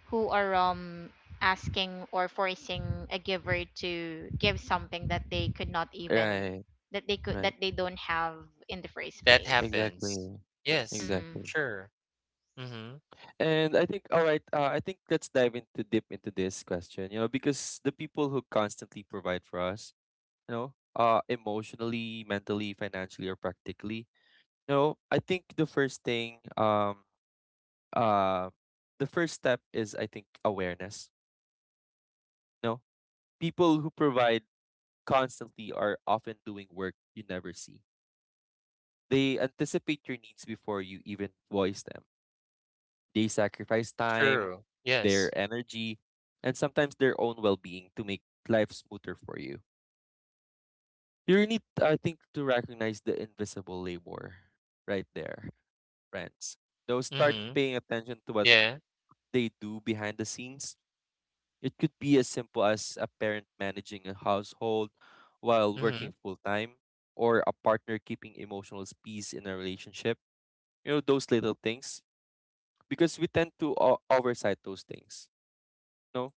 S1: who are asking or forcing a giver to give something that they could not even,
S2: right,
S1: that
S2: right.
S1: they don't have in the first
S3: that
S1: place.
S3: happens.
S2: Exactly.
S3: Yes,
S1: Mm,
S2: Exactly.
S3: sure. Mm-hmm.
S2: And I think, all right, I think let's dive into deep into this question, you know, because the people who constantly provide for us, you know, emotionally, mentally, financially or practically, you know, I think the first thing, uh the first step is, I think, awareness. You know, people who provide constantly are often doing work you never see. They anticipate your needs before you even voice them. They sacrifice time,
S3: True. Yes.
S2: their energy, and sometimes their own well being to make life smoother for you. You need, I think, to recognize the invisible labor right there, friends. Now, start
S3: Mm-hmm.
S2: paying attention to what
S3: Yeah.
S2: they do behind the scenes. It could be as simple as a parent managing a household while
S3: Mm-hmm.
S2: working full time, or a partner keeping emotional peace in a relationship. You know, those little things, because we tend to oversight those things. No,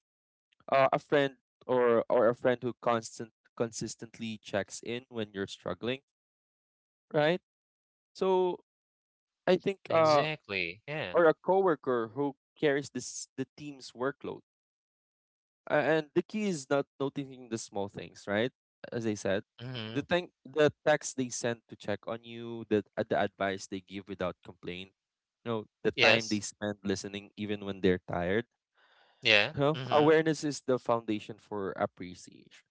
S2: a friend, or a friend who constant consistently checks in when you're struggling, right? So I think,
S3: Exactly. Yeah.
S2: or a coworker who carries this the team's workload. And the key is not noticing the small things, right? As I said,
S3: Mm-hmm.
S2: the thing, the text they send to check on you, the advice they give without complaint, you know, the time they
S3: Yes.
S2: spend listening even when they're tired.
S3: Yeah.
S2: Well,
S3: Mm-hmm.
S2: awareness is the foundation for appreciation.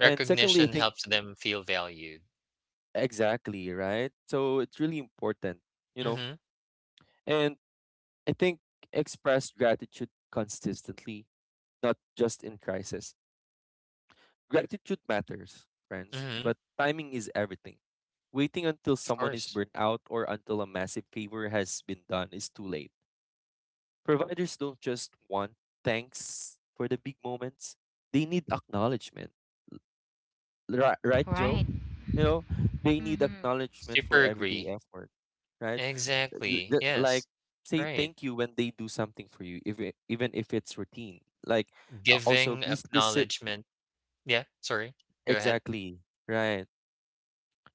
S2: And secondly, I think,
S3: helps them feel valued.
S2: exactly, right? So it's really important, you know.
S3: Mm-hmm.
S2: And I think, express gratitude consistently, not just in crisis. Gratitude matters, friends,
S3: Mm-hmm.
S2: but timing is everything. Waiting until
S3: Of
S2: someone is
S3: course.
S2: burnt out or until a massive favor has been done is too late. Providers don't just want thanks for the big moments, they need acknowledgement. Right, right,
S1: right.
S2: Joe? You know, they need
S1: Mm-hmm.
S2: acknowledgement for
S3: Super
S2: everyday
S3: agree.
S2: effort, right?
S3: Exactly.
S2: Like,
S3: Yes.
S2: say
S3: Right.
S2: thank you when they do something for you, if it, even if it's routine. Like, also
S3: Giving
S2: be specific.
S3: acknowledgement, yeah, sorry, go ahead.
S2: Exactly. Right,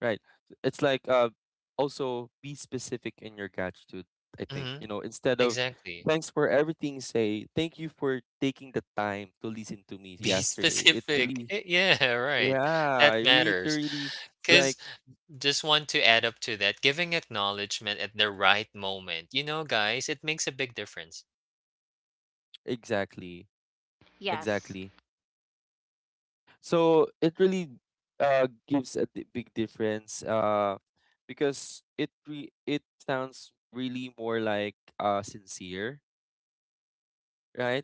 S2: right. It's like, also be specific in your gratitude, I think.
S3: Mhm,
S2: You know, instead of
S3: exactly.
S2: thanks for everything, say thank you for taking the time to listen to me
S3: Be
S2: yesterday. It
S3: specific.
S2: really,
S3: Eh, yeah, right.
S2: yeah,
S3: That
S2: I really, to
S3: matters.
S2: really,
S3: Cause
S2: like,
S3: just want to add up to that, giving acknowledgement at the right moment. You know, guys, it makes a big difference.
S2: exactly.
S1: Yes.
S2: Exactly. So it really gives a big difference, because it it sounds really more like sincere, right?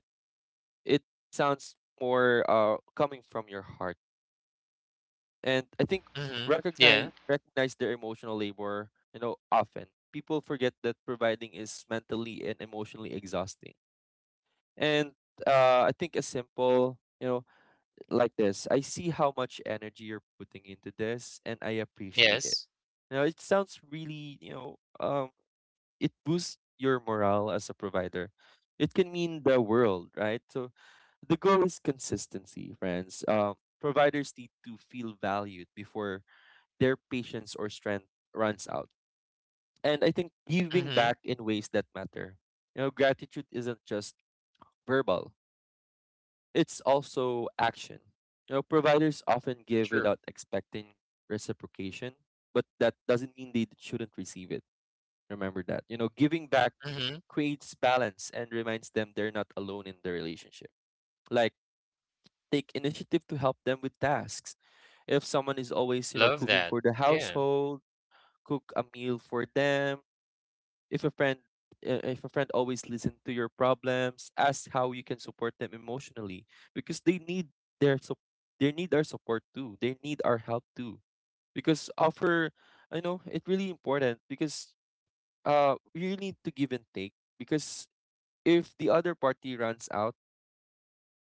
S2: It sounds more coming from your heart. And I think,
S3: Mhm. Yeah.
S2: recognize their emotional labor, you know, often. People forget that providing is mentally and emotionally exhausting. And I think a simple, you know, like this, I see how much energy you're putting into this and I appreciate it.
S3: Yes.
S2: Now it sounds really, you know, it boosts your morale as a provider. It can mean the world, right? So the goal is consistency, friends. Providers need to feel valued before their patience or strength runs out. And I think giving
S3: Mhm.
S2: back in ways that matter. You know, gratitude isn't just verbal. It's also action. You know, providers often give
S3: True.
S2: without expecting reciprocation, but that doesn't mean they shouldn't receive it. Remember that. You know, giving back
S3: Mhm.
S2: creates balance and reminds them they're not alone in the relationship. Like, take initiative to help them with tasks. If someone is always, you know,
S3: Love
S2: cooking
S3: that.
S2: for the
S3: Yeah.
S2: household, cook a meal for them. If a friend, if a friend always listens to your problems, ask how you can support them emotionally, because they need their sup- they need our support too. They need our help too. Because offer, I know it's really important, because you need to give and take, because if the other party runs out,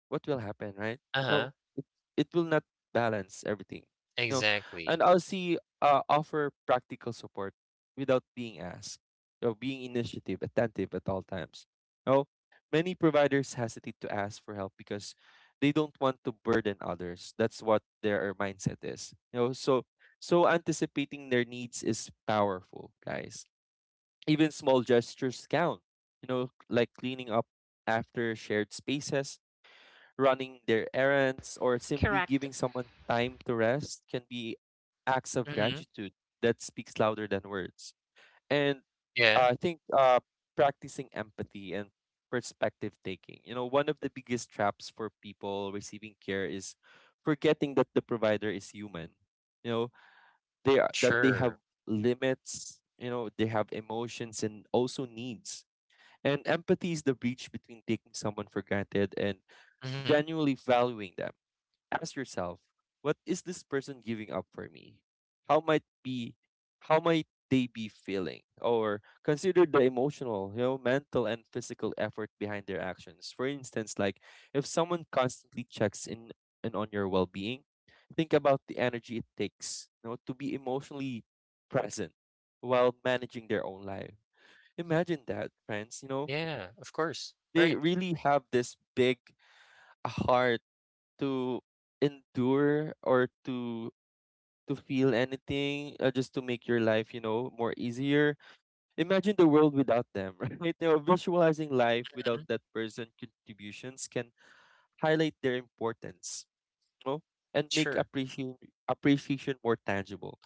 S2: what will happen, right?
S3: Uh-huh.
S2: So it will not balance everything. No.
S3: Exactly.
S2: And I'll see. Offer practical support without being asked, you being initiative, attentive at all times. No, many providers hesitate to ask for help because they don't want to burden others. That's what their mindset is. You know, so, so anticipating their needs is powerful, guys. Even small gestures count. You know, like cleaning up after shared spaces, running their errands, or simply
S1: Correct.
S2: giving someone time to rest can be acts of
S3: Mhm.
S2: gratitude that speaks louder than words. And
S3: Yeah.
S2: I think practicing empathy and perspective taking. You know, one of the biggest traps for people receiving care is forgetting that the provider is human. You know, they are that they have
S3: Sure.
S2: limits. You know, they have emotions and also needs. And empathy is the bridge between taking someone for granted and
S3: Mhm.
S2: genuinely valuing them. Ask yourself, what is this person giving up for me? How might be how might they be feeling? Or consider the emotional, you know, mental and physical effort behind their actions. For instance, like if someone constantly checks in and on your well being, think about the energy it takes, you know, to be emotionally present while managing their own life. Imagine that, friends,
S3: Yeah, of course.
S2: they
S3: Right.
S2: really have this big heart to endure or to feel anything just to make your life, you know, more easier. Imagine the world without them right? You know, visualizing life without
S3: Mhm.
S2: that person contributions can highlight their importance, you know, and make
S3: Sure.
S2: appreciation more tangible.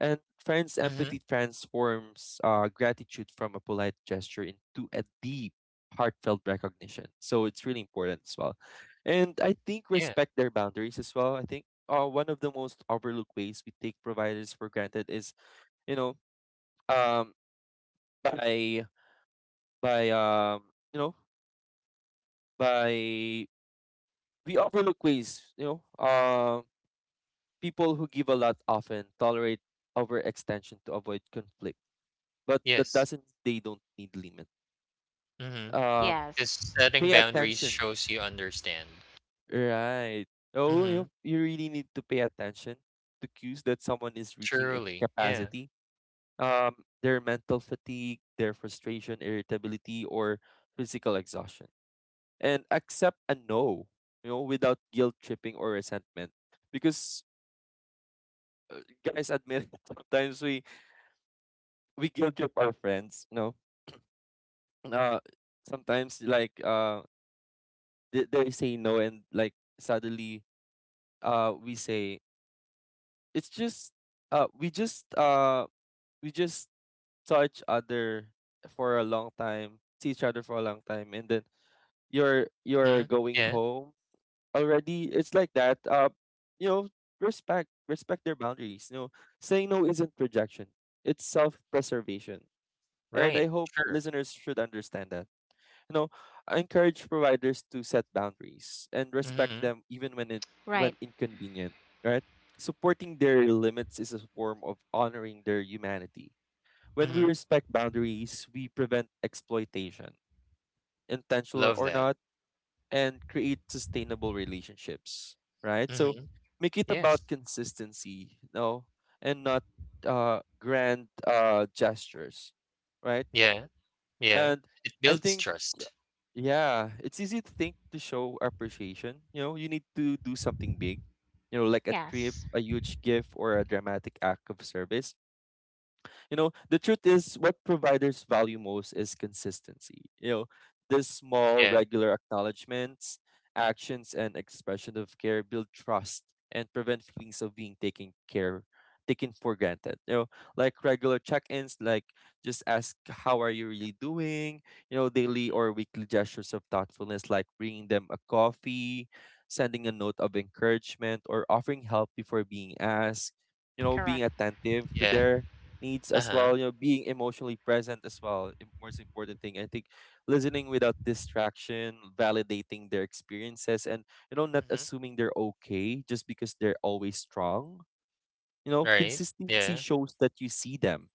S2: And friends'
S3: Mhm.
S2: empathy transforms gratitude from a polite gesture into a deep, heartfelt recognition. So it's really important as well. And I think
S3: Yeah.
S2: respect their boundaries as well. I think one of the most overlooked ways we take providers for granted is, you know, um, by by you know, by we overlook ways. People who give a lot often tolerate overextension to avoid conflict, but that
S3: Yes.
S2: doesn't mean they don't need limits.
S3: Cause
S2: um
S1: Yes.
S3: setting
S2: Pay
S3: boundaries
S2: attention,
S3: shows you understand.
S2: right? Oh,
S3: Mhm,
S2: you really need to pay attention to cues that someone is reaching a
S3: truly, yeah.
S2: capacity. um their mental fatigue, their frustration, irritability, or physical exhaustion, and accept a no, you know, without guilt tripping or resentment. Because guys, admit it, sometimes we guilt trip our friends, you know. Uh sometimes like uh they say no, and like suddenly, we say it's just, we just we just saw each other for a long time, see each other for a long time, and then you're
S3: Mhm,
S2: going
S3: yeah,
S2: home already. It's like that. You know, respect their boundaries. You know, saying no isn't rejection; it's self preservation. And I
S3: right,
S2: hope
S3: sure.
S2: listeners should understand that. You know, I encourage providers to set boundaries and respect
S3: Mhm,
S2: them even
S1: Right.
S2: when inconvenient, right? Supporting their limits is a form of honoring their humanity. When we
S3: mhm,
S2: respect boundaries, we prevent exploitation, intentional
S3: love
S2: or
S3: that.
S2: not, and create sustainable relationships, right? So
S3: Mhm,
S2: make it about
S3: yes.
S2: consistency, no, and not grand gestures, right?
S3: Yeah, yeah,
S2: And
S3: it
S2: I
S3: builds
S2: think,
S3: trust.
S2: yeah, it's easy to think to show appreciation. You know, you need to do something big, you know, like a trip,
S1: Yes,
S2: a huge gift, or a dramatic act of service. You know, the truth is what providers value most is consistency. You know, these small
S3: Yeah,
S2: regular acknowledgments, actions and expression of care build trust and prevent feelings of being taken care taken for granted. You know, like regular check-ins, like just ask, how are you really doing? You know,
S3: mhm,
S2: daily or weekly gestures of thoughtfulness like bringing them a coffee, sending a note of encouragement, or offering help before being asked. You know, being
S1: correct,
S2: attentive to
S3: yeah,
S2: their needs as
S3: uh-huh,
S2: well. You know, being emotionally present as well. Most important thing, I think, listening without distraction, validating their experiences, and, you know, not
S3: mhm,
S2: assuming they're okay just because they're always strong. You know,
S3: right,
S2: consistency
S3: yeah,
S2: shows that you see them,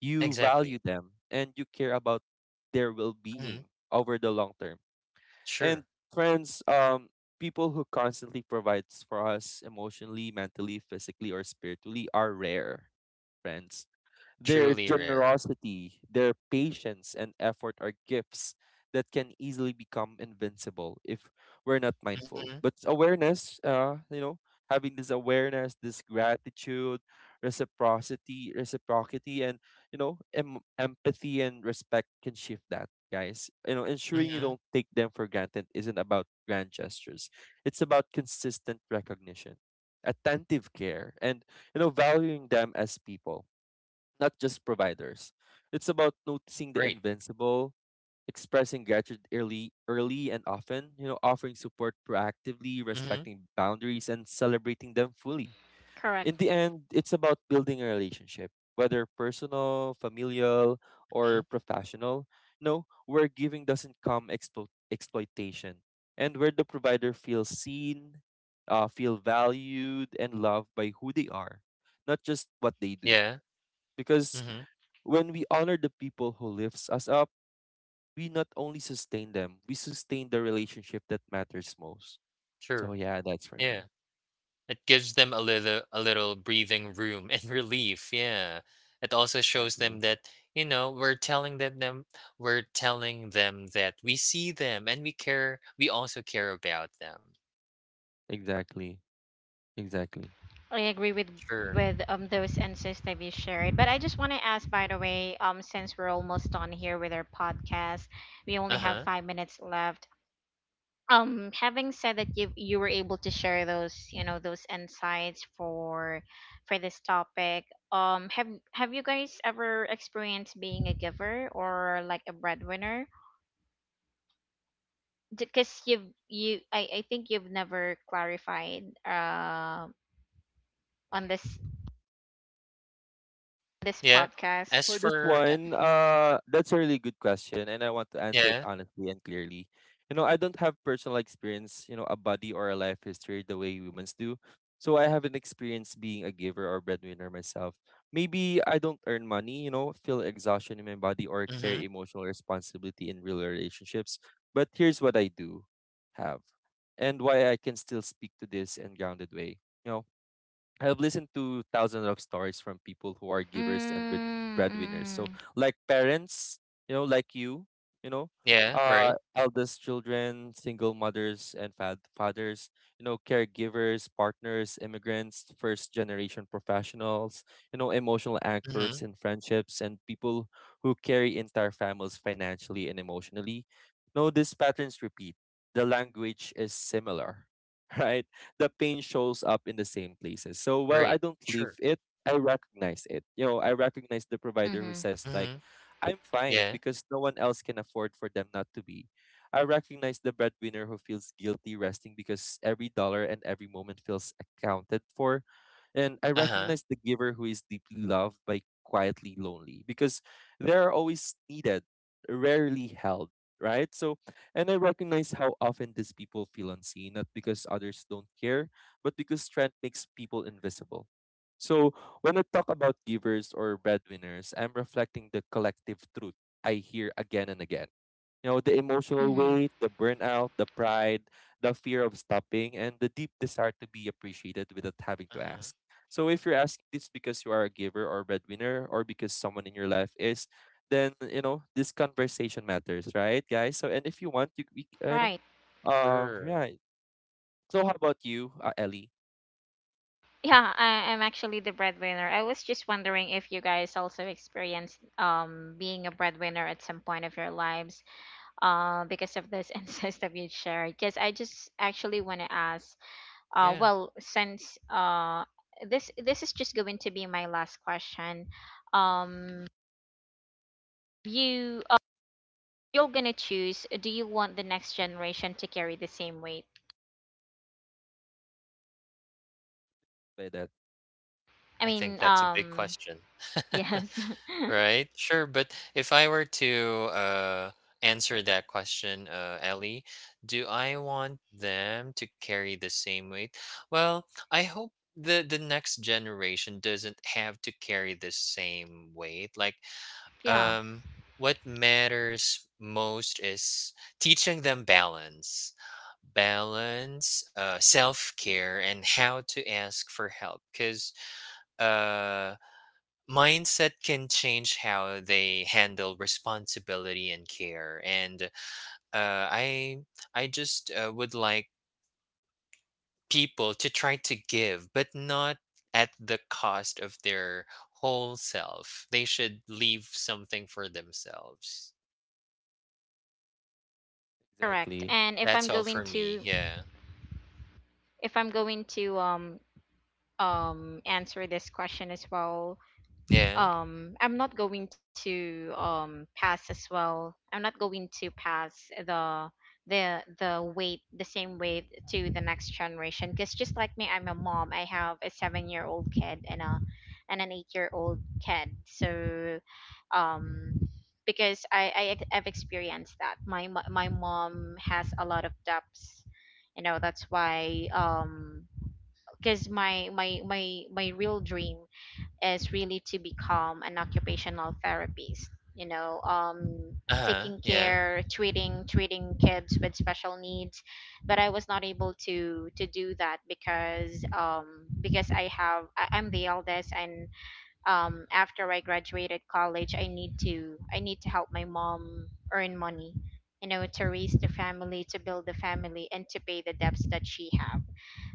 S2: you value
S3: exactly.
S2: them, and you care about their
S3: Mhm,
S2: well-being over the long term. And
S3: sure,
S2: friends, people who constantly provides for us emotionally, mentally, physically, or spiritually are rare, friends. Their
S3: truly rare.
S2: generosity, their patience, and effort are gifts that can easily become invincible if we're not mindful.
S3: Mhm,
S2: But awareness, you know, having this awareness, this gratitude, reciprocity, and, you know, empathy and respect can shift that, guys. You know, ensuring you
S3: mhm,
S2: don't take them for granted isn't about grand gestures. It's about consistent recognition, attentive care, and, you know, valuing them as people, not just providers. It's about noticing the
S3: right,
S2: invincible, expressing gratitude early, and often, you know, offering support proactively,
S3: mhm,
S2: respecting boundaries, and celebrating them fully.
S1: correct.
S2: In the end, it's about building a relationship, whether personal, familial,
S3: mhm,
S2: or professional. No, where giving doesn't come exploitation, and where the provider feels seen, feel valued, and loved by who they are, not just what they do.
S3: yeah,
S2: Because
S3: mhm,
S2: when we honor the people who lifts us up, we not only sustain them, we sustain the relationship that matters most. So
S3: sure.
S2: yeah, that's for
S3: Yeah.
S2: me.
S3: It gives them a little breathing room and relief. Yeah. It also shows
S2: Exactly.
S3: them that, you know, we're telling them that we see them and we also care about them.
S2: Exactly. Exactly.
S1: I agree with,
S3: Sure.
S1: those insights that you shared. But I just want to ask, by the way, since we're almost done here with our podcast, we only have
S3: Uh-huh.
S1: 5 minutes left. Having said that, you were able to share those, you know, those insights for, this topic. Have, you guys ever experienced being a giver or like a breadwinner? Because you've you I think you've never clarified, on this,
S3: Yeah.
S1: podcast.
S3: As
S2: For this
S3: for a-
S2: one,
S3: as-
S2: that's a really good question, and I want to answer it
S3: Yeah.
S2: honestly and clearly. You know, I don't have personal experience, you know, a body or a life history the way humans do. So I haven't experienced being a giver or breadwinner myself. Maybe I don't earn money, you know, feel exhaustion in my body or carry
S3: Mhm.
S2: emotional responsibility in real relationships. But here's what I do have and why I can still speak to this in grounded way, you know. I have listened to thousands of stories from people who are givers and
S1: Mm, mm,
S2: breadwinners.
S1: mm.
S2: So, like parents, you know, like you know,
S3: Yeah, right.
S2: eldest children, single mothers and fathers, you know, caregivers, partners, immigrants, first generation professionals, you know, emotional
S3: Mhm.
S2: anchors in friendships, and people who carry entire families financially and emotionally. No, these patterns repeat. The language is similar, right? The pain shows up in the same places. So while I
S3: Right.
S2: don't leave
S3: Sure.
S2: it, I recognize it. You know, I recognize the provider who
S1: Mm-hmm.
S2: says like,
S3: Mhm.
S2: "I'm fine"
S3: Yeah.
S2: because no one else can afford for them not to be. I recognize the breadwinner who feels guilty resting because every dollar and every moment feels accounted for, and I
S3: Uh-huh.
S2: recognize the giver who is deeply loved by quietly lonely because they are always needed, rarely held, right? So, and I recognize how often these people feel unseen, not because others don't care, but because strength makes people invisible. So when I talk about givers or breadwinners, I'm reflecting the collective truth I hear again and again. You know, the emotional
S1: Mm-hmm.
S2: weight, the burnout, the pride, the fear of stopping, and the deep desire to be appreciated without having to
S3: Uh-huh.
S2: ask. So if you're asking this because you are a giver or breadwinner or because someone in your life is, then you know this conversation matters, right, guys? So, and if you want, you
S1: Right.
S2: know,
S3: Sure.
S2: right. So how about you, Ellie?
S1: Yeah, I'm actually the breadwinner. I was just wondering if you guys also experienced being a breadwinner at some point of your lives, because of those insights that you shared. Because I just actually want to ask, uh,
S3: Yeah.
S1: well, since uh this is just going to be my last question, um, you uh, you're gonna choose. Do you want the next generation to carry the same weight?
S2: By that,
S1: I
S3: I think
S1: mean,
S3: that's a big question.
S1: yes,
S3: Right. Sure. But if I were to answer that question, Ellie, do I want them to carry the same weight? Well, I hope the next generation doesn't have to carry the same weight. Like,
S1: yeah,
S3: um, what matters most is teaching them balance, self care, and how to ask for help. Because mindset can change how they handle responsibility and care. And uh, i I just would like people to try to give but not at the cost of their whole self. They should leave something for themselves.
S1: correct.
S2: exactly.
S1: And if I'm
S3: That's all
S1: going
S3: for me.
S1: to,
S3: Yeah.
S1: If I'm going to, answer this question as well,
S3: Yeah.
S1: I'm not going to pass as well. I'm not going to pass the the weight, the same weight, to the next generation. Because just like me, I'm a mom. I have a 7 year old kid and a and an 8 year old kid. So um because I've experienced that my mom has a lot of depths, you know. That's why because my real dream is really to become an occupational therapist, you know.
S3: Uh-huh.
S1: Taking
S3: Yeah.
S1: care, treating kids with special needs. But I was not able to do that because I'm the eldest. And after I graduated college, I need to help my mom earn money, you know, to raise the family, to build the family, and to pay the debts that she have.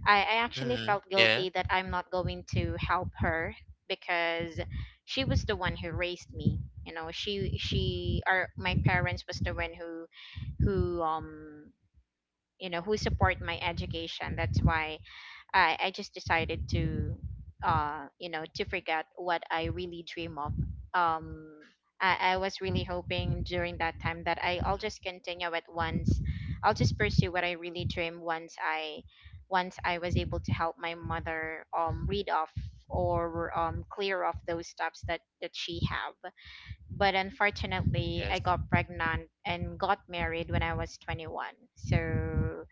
S1: I actually
S3: Mm-hmm.
S1: felt
S3: Yeah.
S1: guilty that I'm not going to help her, because she was the one who raised me. You know, she or my parents was the one who who um you know, who support my education. That's why I just decided to you know, to forget what I really dream of. Um I was really hoping during that time that I'll
S3: Mm-hmm.
S1: just continue it once, I'll just pursue what I really dream, once I was able to help my mother read off or clear off those stuffs that that she have. But unfortunately, I
S3: Yes.
S1: got pregnant and got married when I was 21. So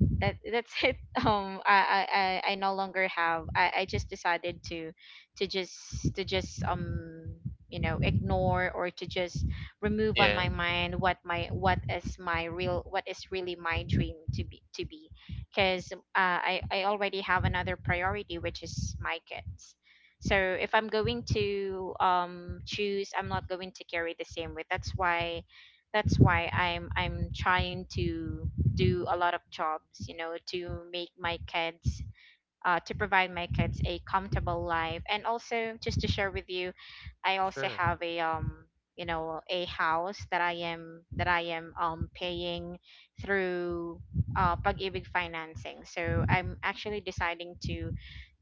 S1: that that's it. I I no longer have. I just decided to to just you know, ignore, or to just remove on
S3: Yeah.
S1: my mind what my what is my real, what is really my dream to be, to be. Because I already have another priority, which is my kids. So if I'm going to choose, I'm not going to carry the same weight. That's why, that's why I'm trying to do a lot of jobs, you know, to make my kids, to provide my kids a comfortable life. And also, just to share with you, I also
S3: Sure.
S1: have a, you know, a house that I am paying through pag-ibig financing. So I'm actually deciding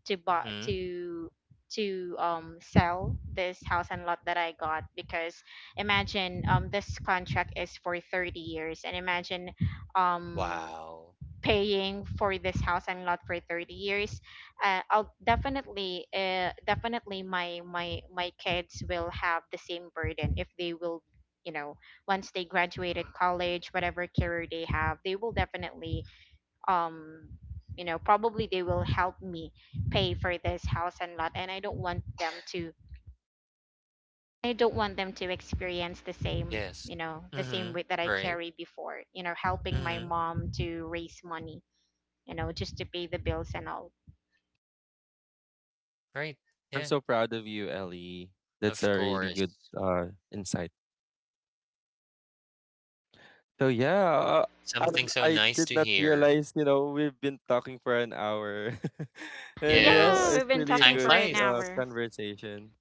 S1: to buy
S3: Mm-hmm.
S1: to to sell this house and lot that I got. Because imagine, this contract is for 30 years. And imagine, um
S3: Wow.
S1: paying for this house and lot for 30 years, I'll definitely definitely, my kids will have the same burden. If they will, you know, once they graduated college, whatever career they have, they will definitely um you know, probably they will help me pay for this house and lot. And I don't want them to, I don't want them to experience the same,
S3: Yes.
S1: you know, the same
S3: Mm-hmm.
S1: weight that I
S3: Right.
S1: carried before, you know, helping my
S3: Mm-hmm.
S1: mom to raise money, you know, just to pay the bills and all.
S3: Right.
S2: I'm
S3: Yeah.
S2: so proud of you, Ellie. That's a
S3: Of
S2: really
S3: course.
S2: good insight. So yeah, I
S3: Something so
S2: I
S3: nice
S2: did
S3: to
S2: not
S3: hear.
S2: realize, you know, we've been talking for an hour, and you know
S1: Yeah,
S3: Yes.
S1: we've
S2: it's
S1: been
S2: really a
S1: talking
S3: Time
S1: for
S2: good
S1: an
S3: flies.
S1: hour.
S2: conversation.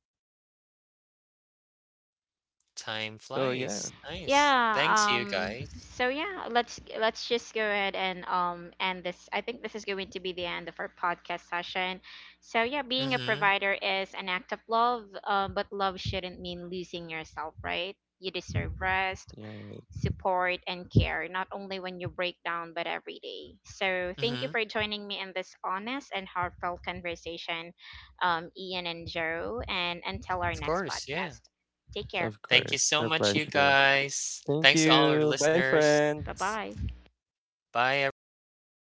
S3: Time
S2: So yeah,
S3: flies. Nice.
S1: Yeah,
S3: Thanks, you guys.
S1: so yeah, let's just go ahead and end this. I think this is going to be the end of our podcast session. So yeah, being a
S3: Mm-hmm.
S1: provider is an act of love, but love shouldn't mean losing yourself, right? You deserve rest,
S2: yeah.
S1: support, and care, not only when you break down, but every day. So, thank you
S3: Mm-hmm.
S1: for joining me in this honest and heartfelt conversation, Ian and Joe. And until our
S3: Of
S1: next
S3: course. Yeah.
S1: podcast, take care.
S2: Of
S3: Thank you
S2: course.
S3: so
S2: My
S3: much, you
S2: pleasure.
S3: guys.
S2: Thank
S3: Thanks to all our
S2: you. Bye,
S3: listeners.
S1: Bye
S2: friends.
S1: bye.
S3: Bye, everyone.